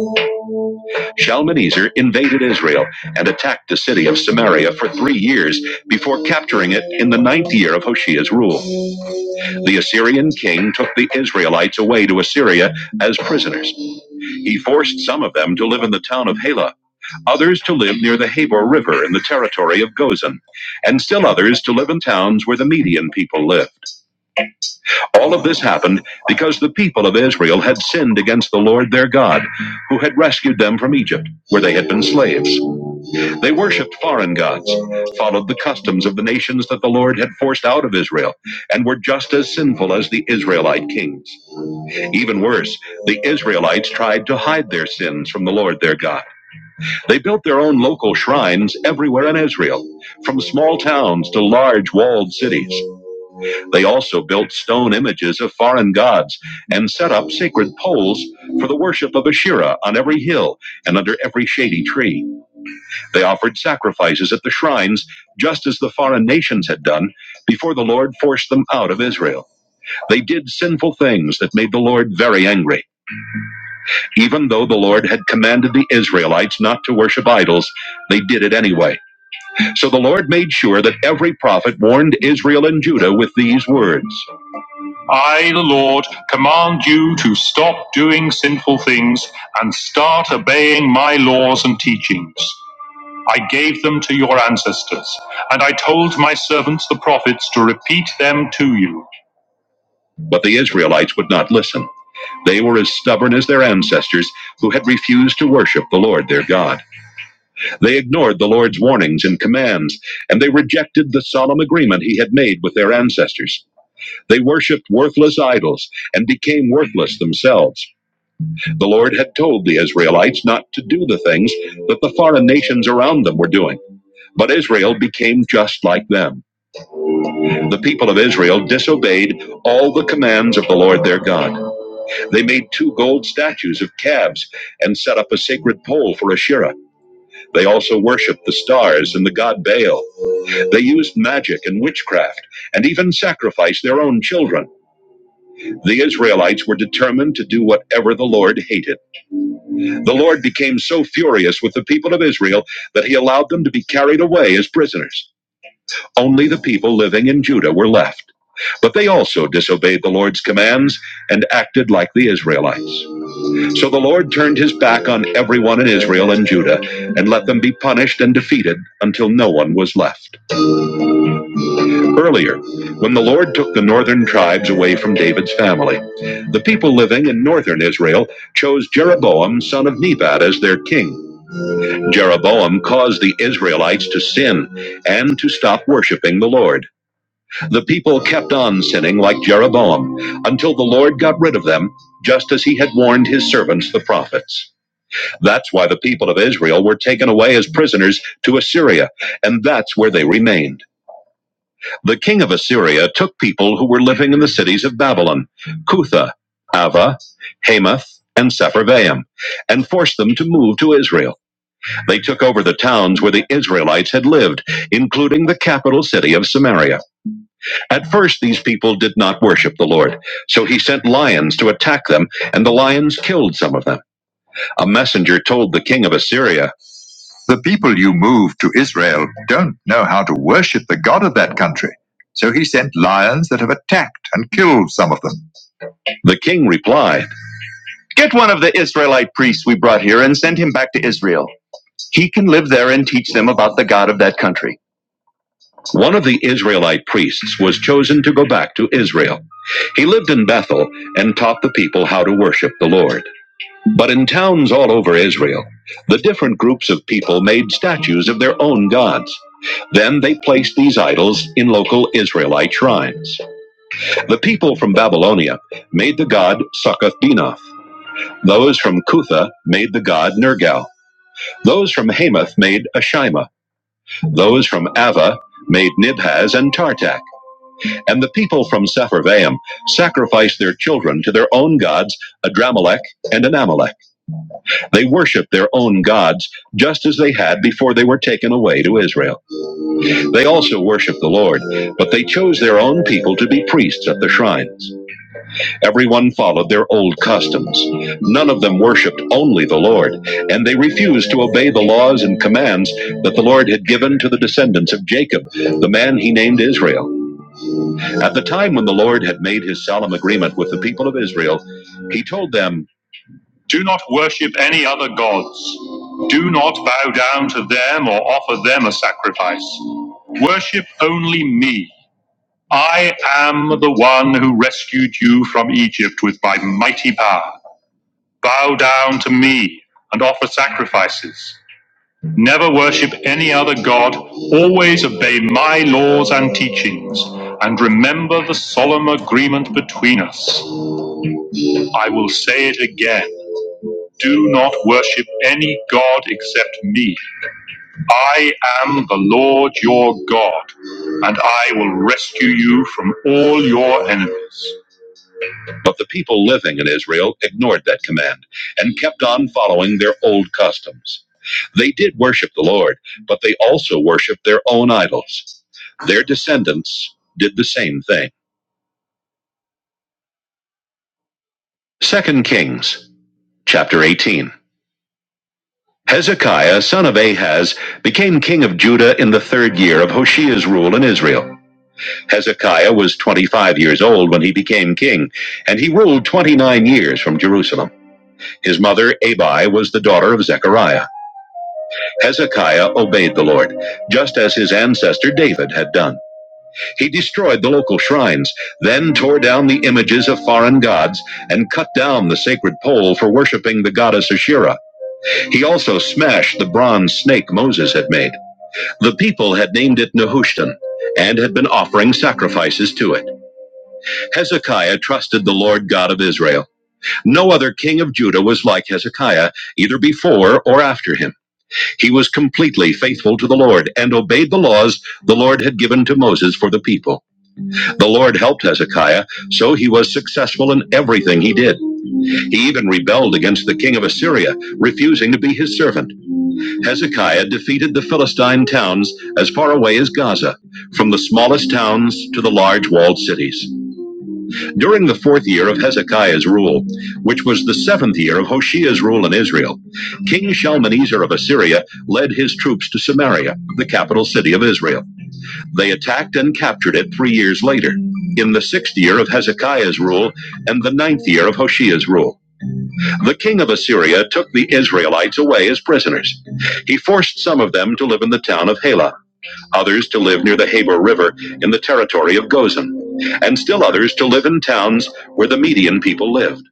[SPEAKER 1] Shalmaneser invaded Israel and attacked the city of Samaria for three years before capturing it in the ninth year of Hoshea's rule. The Assyrian king took the Israelites away to Assyria as prisoners. He forced some of them to live in the town of Halah, others to live near the Habor River in the territory of Gozan, and still others to live in towns where the Median people lived. All of this happened because the people of Israel had sinned against the Lord their God, who had rescued them from Egypt, where they had been slaves. They worshipped foreign gods, followed the customs of the nations that the Lord had forced out of Israel, and were just as sinful as the Israelite kings. Even worse, the Israelites tried to hide their sins from the Lord their God. They built their own local shrines everywhere in Israel, from small towns to large walled cities. They also built stone images of foreign gods and set up sacred poles for the worship of Asherah on every hill and under every shady tree. They offered sacrifices at the shrines, just as the foreign nations had done before the Lord forced them out of Israel. They did sinful things that made the Lord very angry. Even though the Lord had commanded the Israelites not to worship idols, they did it anyway. So the Lord made sure that every prophet warned Israel and Judah with these words I, the Lord, command you to stop doing sinful things and start obeying my laws and teachings. I gave them to your ancestors, and I told my servants the prophets to repeat them to you. But the Israelites would not listen. They were as stubborn as their ancestors who had refused to worship the Lord their God. They ignored the Lord's warnings and commands, and they rejected the solemn agreement he had made with their ancestors. They worshiped worthless idols and became worthless themselves. The Lord had told the Israelites not to do the things that the foreign nations around them were doing. But Israel became just like them. The people of Israel disobeyed all the commands of the Lord their God. They made two gold statues of calves and set up a sacred pole for Asherah. They also worshiped the stars and the god Baal. They used magic and witchcraft and even sacrificed their own children. The Israelites were determined to do whatever the Lord hated. The Lord became so furious with the people of Israel that he allowed them to be carried away as prisoners. Only the people living in Judah were left. But they also disobeyed the Lord's commands and acted like the Israelites. So the Lord turned his back on everyone in Israel and Judah and let them be punished and defeated until no one was left. earlier when the Lord took the northern tribes away from David's family. The people living in northern Israel chose Jeroboam, son of Nebat, as their king. Jeroboam caused the Israelites to sin and to stop worshiping the Lord. The people kept on sinning like Jeroboam until the Lord got rid of them, just as he had warned his servants, the prophets. That's why the people of Israel were taken away as prisoners to Assyria, and that's where they remained. The king of Assyria took people who were living in the cities of Babylon, Cutha, Ava, Hamath, and Sepharvaim, and forced them to move to Israel. They took over the towns where the Israelites had lived, including the capital city of Samaria. At first, these people did not worship the Lord, so he sent lions to attack them, and the lions killed some of them. A messenger told the king of Assyria, the people you moved to Israel don't know how to worship the God of that country, so he sent lions that have attacked and killed some of them. The king replied, Get one of the Israelite priests we brought here and send him back to Israel. He can live there and teach them about the God of that country. One of the Israelite priests was chosen to go back to Israel. He lived in Bethel and taught the people how to worship the Lord. But in towns all over Israel, the different groups of people made statues of their own gods. Then they placed these idols in local Israelite shrines. The people from Babylonia made the god Succoth Benoth. Those from Cutha made the god Nergal. Those from Hamath made Ashima. Those from Ava made Nibhaz and Tartak. And the people from Sepharvaim sacrificed their children to their own gods, Adramelech and Anamelech. They worship their own gods, just as they had before they were taken away to Israel. They also worship the Lord, but they chose their own people to be priests at the shrines. Everyone followed their old customs. None of them worshiped only the Lord, and they refused to obey the laws and commands that the Lord had given to the descendants of Jacob, the man he named Israel. At the time when the Lord had made his solemn agreement with the people of Israel, he told them, Do not worship any other gods. Do not bow down to them or offer them a sacrifice. Worship only me. I am the one who rescued you from Egypt with my mighty power. Bow down to me and offer sacrifices. Never worship any other god. Always obey my laws and teachings. And remember the solemn agreement between us. I will say it again. Do not worship any god except me. I am the Lord your God, and I will rescue you from all your enemies. But the people living in Israel ignored that command and kept on following their old customs. They did worship the Lord, but they also worshiped their own idols. Their descendants did the same thing. Second Kings chapter 18. Hezekiah, son of Ahaz, became king of Judah in the third year of Hoshea's rule in Israel. Hezekiah was 25 years old when he became king, and he ruled 29 years from Jerusalem. His mother, Abi, was the daughter of Zechariah. Hezekiah obeyed the Lord, just as his ancestor David had done. He destroyed the local shrines, then tore down the images of foreign gods, and cut down the sacred pole for worshiping the goddess Asherah. He also smashed the bronze snake Moses had made. The people had named it Nehushtan and had been offering sacrifices to it. Hezekiah trusted the Lord God of Israel. No other king of Judah was like Hezekiah, either before or after him. He was completely faithful to the Lord and obeyed the laws the Lord had given to Moses for the people. The Lord helped Hezekiah, so he was successful in everything he did. He even rebelled against the king of Assyria, refusing to be his servant. Hezekiah defeated the Philistine towns as far away as Gaza, from the smallest towns to the large walled cities. During the fourth year of Hezekiah's rule, which was the seventh year of Hoshea's rule in Israel, King Shalmaneser of Assyria led his troops to Samaria, the capital city of Israel. They attacked and captured it three years later, in the sixth year of Hezekiah's rule and the ninth year of Hoshea's rule. The king of Assyria took the Israelites away as prisoners. He forced some of them to live in the town of Halah others to live near the Habur River in the territory of Gozan, and still others to live in towns where the Median people lived.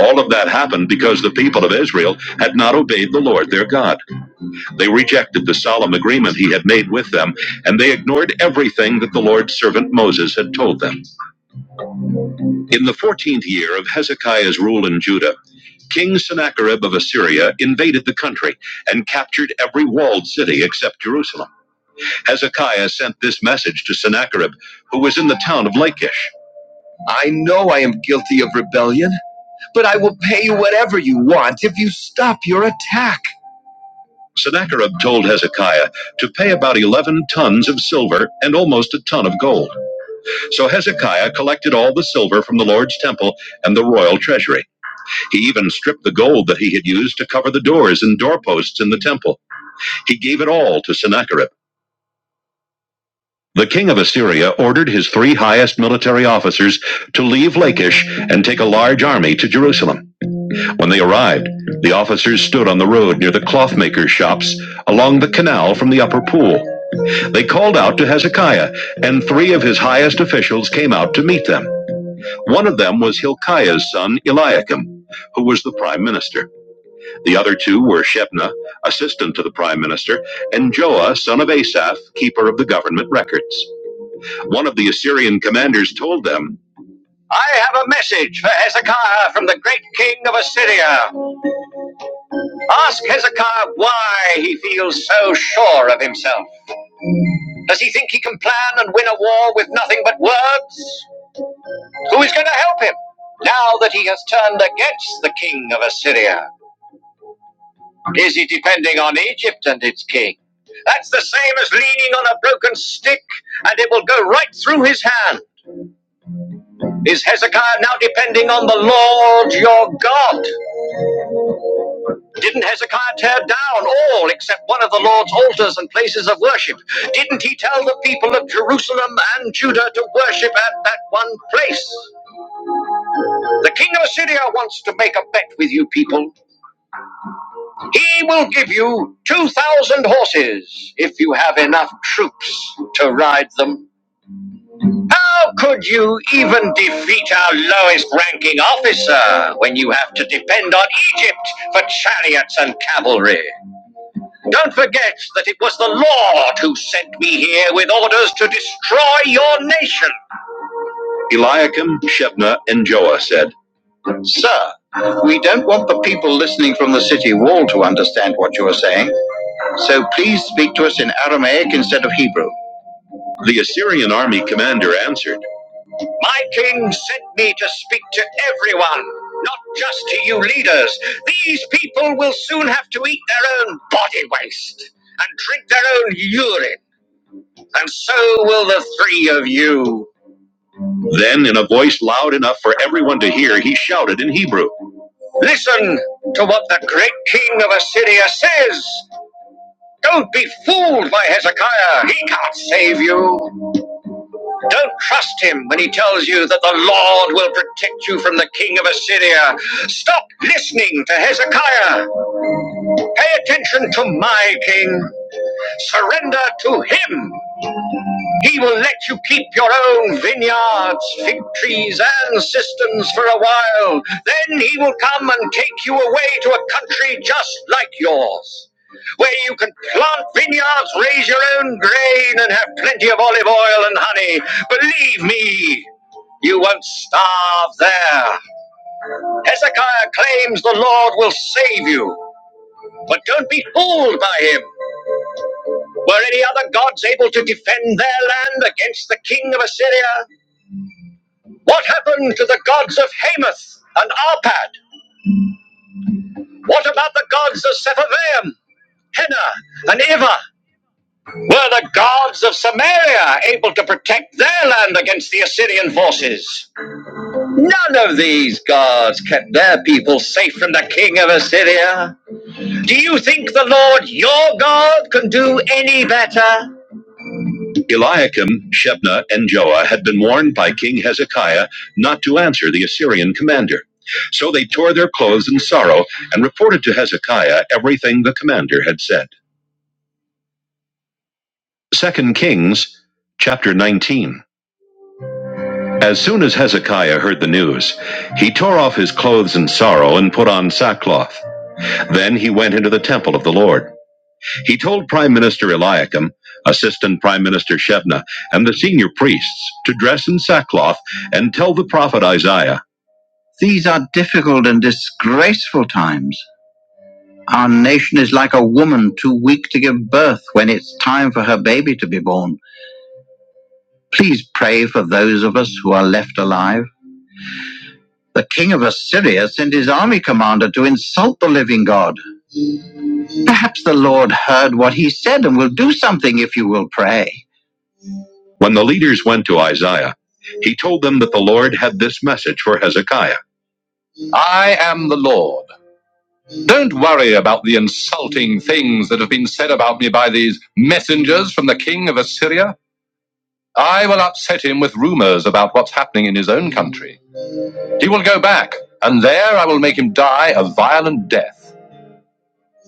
[SPEAKER 1] All of that happened because the people of Israel had not obeyed the Lord their God. They rejected the solemn agreement he had made with them, and they ignored everything that the Lord's servant Moses had told them. In the 14th year of Hezekiah's rule in Judah, King Sennacherib of Assyria invaded the country and captured every walled city except Jerusalem. Hezekiah sent this message to Sennacherib, who was in the town of Lachish. I know I am guilty of rebellion, but I will pay you whatever you want if you stop your attack. Sennacherib told Hezekiah to pay about 11 tons of silver and almost a ton of gold. So Hezekiah collected all the silver from the Lord's temple and the royal treasury. He even stripped the gold that he had used to cover the doors and doorposts in the temple. He gave it all to Sennacherib. The king of Assyria ordered his three highest military officers to leave Lachish and take a large army to Jerusalem. When they arrived, the officers stood on the road near the clothmakers' shops along the canal from the upper pool. They called out to Hezekiah, and three of his highest officials came out to meet them. One of them was Hilkiah's son Eliakim, who was the prime minister. The other two were Shebna, assistant to the prime minister, and Joah, son of Asaph, keeper of the government records. One of the Assyrian commanders told them, I have a message for Hezekiah from the great king of Assyria. Ask Hezekiah why he feels so sure of himself. Does he think he can plan and win a war with nothing but words? Who is going to help him now that he has turned against the king of Assyria? Is he depending on Egypt and its king? That's the same as leaning on a broken stick, and it will go right through his hand. Is Hezekiah now depending on the Lord your God? Didn't Hezekiah tear down all except one of the Lord's altars and places of worship? Didn't he tell the people of Jerusalem and Judah to worship at that one place? The king of Assyria wants to make a bet with you people. He will give you 2,000 horses if you have enough troops to ride them. How could you even defeat our lowest ranking officer when you have to depend on Egypt for chariots and cavalry? Don't forget that it was the Lord who sent me here with orders to destroy your nation. Eliakim, Shebna, and Joah said, Sir, we don't want the people listening from the city wall to understand what you are saying, so please speak to us in Aramaic instead of Hebrew. The Assyrian army commander answered, My king sent me to speak to everyone, not just to you leaders. These people will soon have to eat their own body waste and drink their own urine, and so will the three of you. Then, in a voice loud enough for everyone to hear, he shouted in Hebrew Listen to what the great king of Assyria says! Don't be fooled by Hezekiah. He Don't trust him when he tells you that the Lord will protect you from the king of Assyria. Stop listening to Hezekiah. Pay attention to my king. Surrender to him. He will let you keep your own vineyards, fig trees, and cisterns for a while. Then he will come and take you away to a country just like yours where you can plant vineyards, raise your own grain, and have plenty of olive oil and honey. Believe me, you won't starve there. Hezekiah claims the Lord will save you. But don't be fooled by him. Were any other gods able to defend their land against the king of Assyria? What happened to the gods of Hamath and Arpad? What about the gods of Sepharvaim, Hena, and Iva? Were the gods of Samaria able to protect their land against the Assyrian forces? None kept their people safe from the king of Assyria. Would your God can do any better? Eliakim, Shebna, and Joah had been warned by King Hezekiah not to answer the Assyrian commander. So they tore their clothes in sorrow and reported to Hezekiah everything the commander had said. Second Kings chapter 19. As soon as Hezekiah heard the news, he tore off his clothes in sorrow and put on sackcloth. Then he went into the temple of the Lord. He told Prime Minister Eliakim, Assistant Prime Minister Shebna, and the senior priests to dress in sackcloth and tell the prophet Isaiah, If unwoman too weak to give birth when it's time for her own, please those of us who are left alive, the king of us to insult God. Perhaps the Lord heard what he said and will do something if you will pray. When the leaders went to Isaiah, he told them that the Lord had this message for Hezekiah. I am the Lord Don't worry about the insulting things that have been said about me by these messengers from the king of Assyria. I will upset him with rumors about what's happening in his own country. He will go back, and there I will make him die a violent death.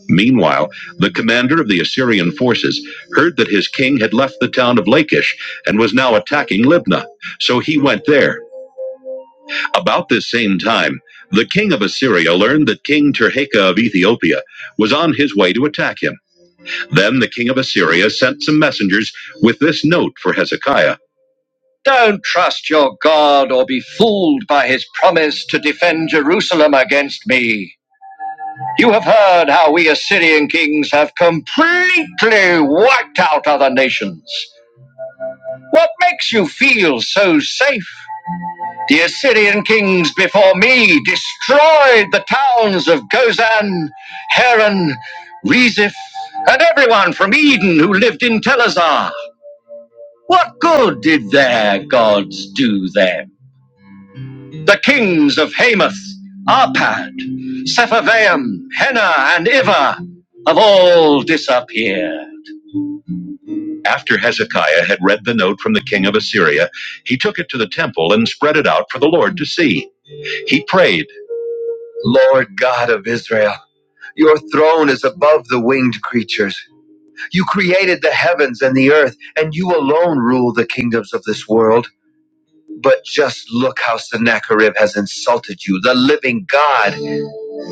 [SPEAKER 1] Meanwhile, the commander of the Assyrian forces heard that his king had left the town of Lachish and was now attacking Libnah, so he went there. About this same time, the king of Assyria learned that King Tirhakah of Ethiopia was on his way to attack him. Then the king of Assyria sent some messengers with this note for Hezekiah Don't trust your God or be fooled by his promise to defend Jerusalem against me. You have heard how we Assyrian kings have completely wiped out other nations. What makes you feel so safe? The Assyrian kings before me destroyed the towns of Gozan, Haran, Reziph, and everyone from Eden who lived in Telazar. What good did their gods do them? The kings of Hamath, Arpad, Sepharvaim, Hena, and Iva have all disappeared. After Hezekiah had read the note from the king of Assyria, he took it to the temple and spread it out for the Lord to see. He prayed, Lord God of Israel, your throne is above the winged creatures. You created the heavens and the earth, and you alone rule the kingdoms of this world. But just look how Sennacherib has insulted you, the living God.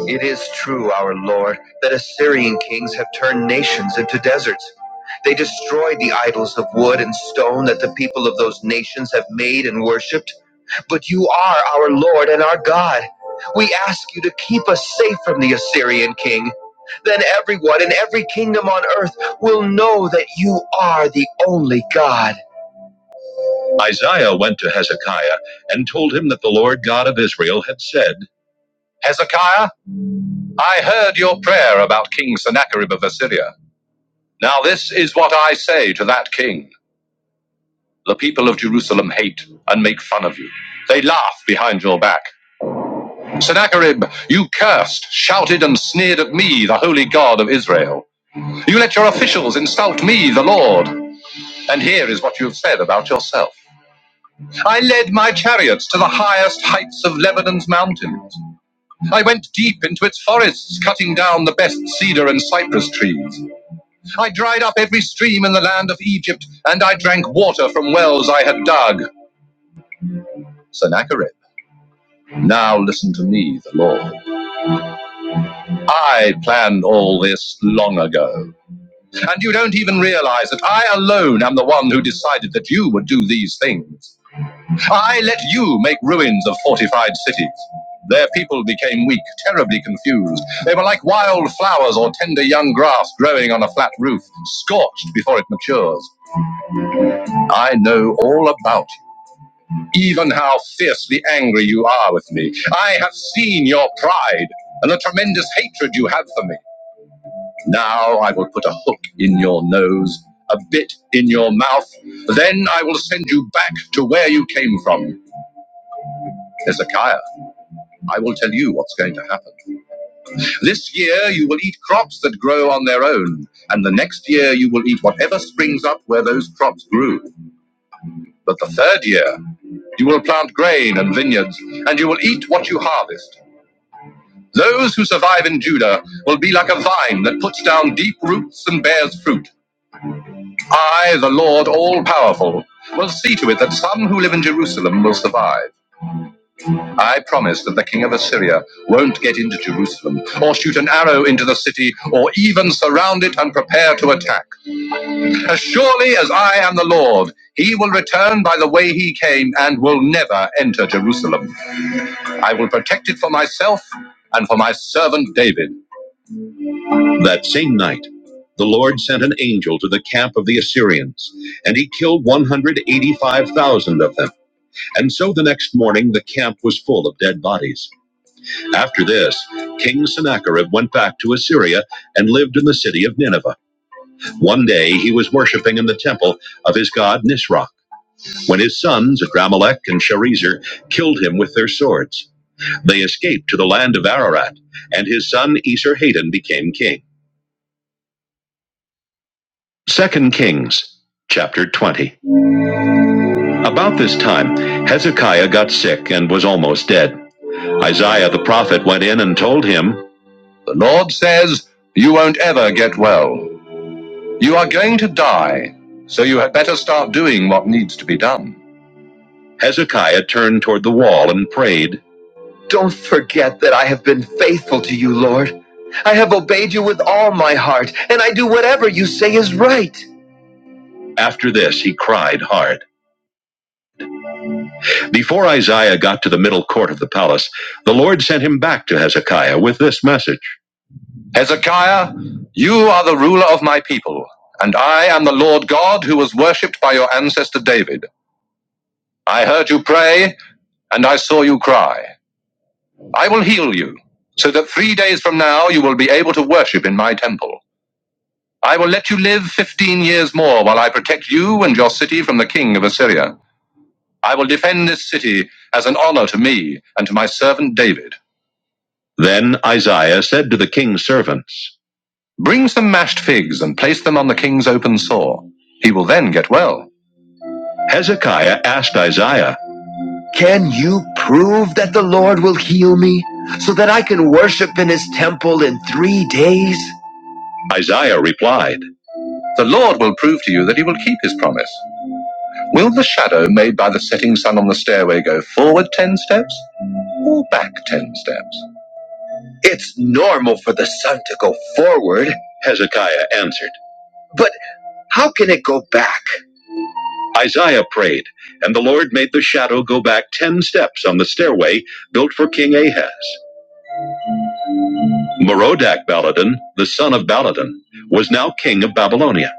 [SPEAKER 1] It is true, our Lord, that Assyrian kings have turned nations into deserts. They destroyed the idols of wood and stone that the people of those nations have made and worshipped. But you are our Lord and our God. We ask you to keep us safe from the Assyrian king. Then everyone in every kingdom on earth will know that you are the only God. Isaiah went to Hezekiah and told him that the Lord God of Israel had said, Hezekiah, I heard your prayer about King Sennacherib of Assyria. Now this is what I say to that king. The people of Jerusalem hate and make fun of you. They laugh behind your back. Sennacherib, you cursed, shouted, and sneered at me, the holy God of Israel. You let your officials insult me, the Lord. And here is what you have said about yourself. I led my chariots to the highest heights of Lebanon's mountains. I went deep into its forests, cutting down the best cedar and cypress trees. I dried up every stream in the land of Egypt, and I drank water from wells I had dug. Sennacherib, now listen to me, the Lord. I planned all this long ago, and you don't even realize that I alone am the one who decided that you would do these things. I let you make ruins of fortified cities. Their people became weak, terribly confused. They were like wild flowers or tender young grass growing on a flat roof, scorched before it matures. I know all about you, even how fiercely angry you are with me. I have seen your pride and the tremendous hatred you have for me. Now I will put a hook in your nose, a bit in your mouth. Then I will send you back to where you came from, Hezekiah. I will tell you what's going to happen. This year you will eat crops that grow on their own, and the next year you will eat whatever springs up where those crops grew. But the third year you will plant grain and vineyards, and you will eat what you harvest. Those who survive in Judah will be like a vine that puts down deep roots and bears fruit. I, the Lord all powerful, will see to it that some who live in Jerusalem will survive. I promise that the king of Assyria won't get into Jerusalem, or shoot an arrow into the city, or even surround it and prepare to attack. As surely as I am the Lord, he will return by the way he came and will never enter Jerusalem. I will protect it for myself and for my servant David. That same night, the Lord sent an angel to the camp of the Assyrians, and he killed 185,000 of them. And so the next morning, the camp was full of dead bodies. After this, King Sennacherib went back to Assyria and lived in the city of Nineveh. One day he was worshiping in the temple of his god Nisroch when his sons Adramelech and Sharezer killed him with their swords. They escaped to the land of Ararat, and his son Esarhaddon became king. Second Kings chapter 20. About this time, Hezekiah got sick and was almost dead. Isaiah the prophet went in and told him, "The Lord says, you won't ever get well." You are going to die, so you had better start doing what needs to be done. Hezekiah turned toward the wall and prayed, Don't forget that I have been faithful to you, Lord. I have obeyed you with all my heart, and I do whatever you say is right. After this, he cried hard. Before Isaiah got to the middle court of the palace, the Lord sent him back to Hezekiah with this message Hezekiah, you are the ruler of my people, and I am the Lord God who was worshipped by your ancestor David. I heard you pray, and I saw you cry. I will heal you, so that three days from now you will be able to worship in my temple. I will let you live fifteen years more while I protect you and your city from the king of Assyria. I will defend this city as an honor to me and to my servant David. Then Isaiah said to the king's servants, Bring some mashed figs and place them on the king's open sore. He will then get well. Hezekiah asked Isaiah, Can you prove that the Lord will heal me so that I can worship in his temple in three days? Isaiah replied, The Lord will prove to you that he will keep his promise. Will the shadow made by the setting sun on the stairway go forward ten steps or back ten steps? It will go. Hezekiah answered. But how? Isaiah prayed, and the Lord made the shadow go back ten steps on the stairway built for King Ahaz. Merodach Baladan, the son of Baladan, was now king of Babylonia.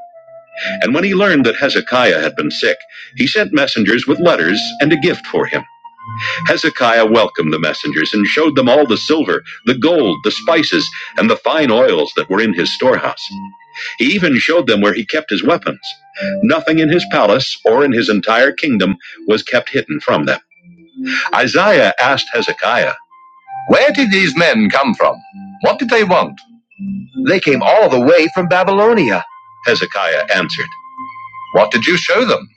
[SPEAKER 1] And when he learned that Hezekiah had been sick, he sent messengers with letters and a gift for him. Hezekiah welcomed the messengers and showed them all the silver, the gold, the spices, and the fine oils that were in his storehouse. He even showed them where he kept his weapons. Nothing in his palace or in his entire kingdom was kept hidden from them. Isaiah asked Hezekiah, Where did these men come from? What did they want? Came all Hezekiah answered, What did you show them?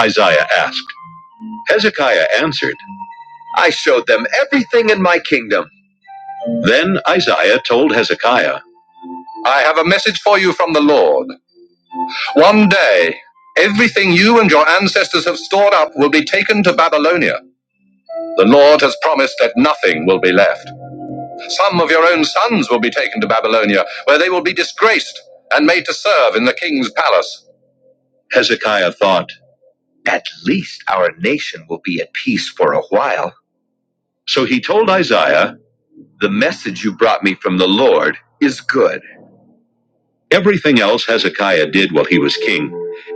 [SPEAKER 1] Isaiah asked. Hezekiah answered, I showed them everything in my kingdom. Then Isaiah told Hezekiah, I have a message for you from the Lord. One day, everything you and your ancestors have stored up will be taken to Babylonia. The Lord has promised that nothing will be left. Some of your own sons will be taken to Babylonia, where they will be disgraced and made to serve in the king's palace. Hezekiah thought, At least our nation will be at peace for a while. So he told Isaiah, The message you brought me from the Lord is good. Everything else Hezekiah did while he was king,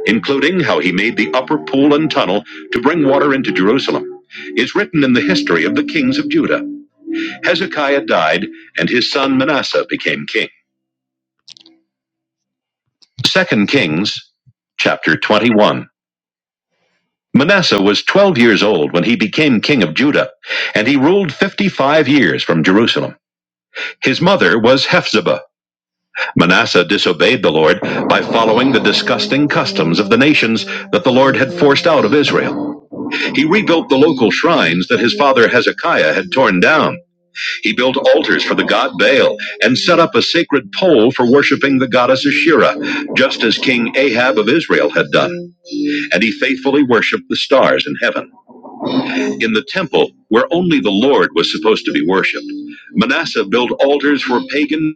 [SPEAKER 1] including how he made the upper pool and tunnel to bring water into Jerusalem, is written in the history of the kings of Judah. Hezekiah died, and his son Manasseh became king. Second Kings chapter 21. Manasseh was 12 years old when he became king of Judah, and he ruled 55 years from Jerusalem. His mother was Hephzibah. Manasseh disobeyed the Lord by following the disgusting customs of the nations that the Lord had forced out of Israel. He rebuilt the local shrines that his father Hezekiah had torn down. He built altars for the god Baal and set up a sacred pole for worshiping the goddess Asherah, just as King Ahab of Israel had done. And he faithfully worshiped the stars in heaven. In the temple, where only the Lord was supposed to be worshipped, Manasseh built altars for pagan.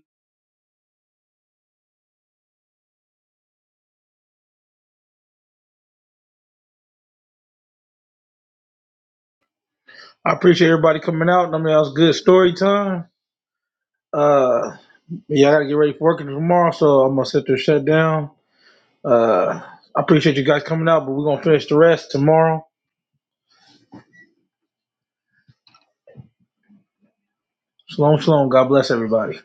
[SPEAKER 1] I appreciate everybody coming out. I mean, that was good story time. Uh, yeah, I gotta get ready for working tomorrow, so I'm gonna sit there shut down. Uh, I appreciate you guys coming out, but we're gonna finish the rest tomorrow. Shalom, shalom. God bless everybody.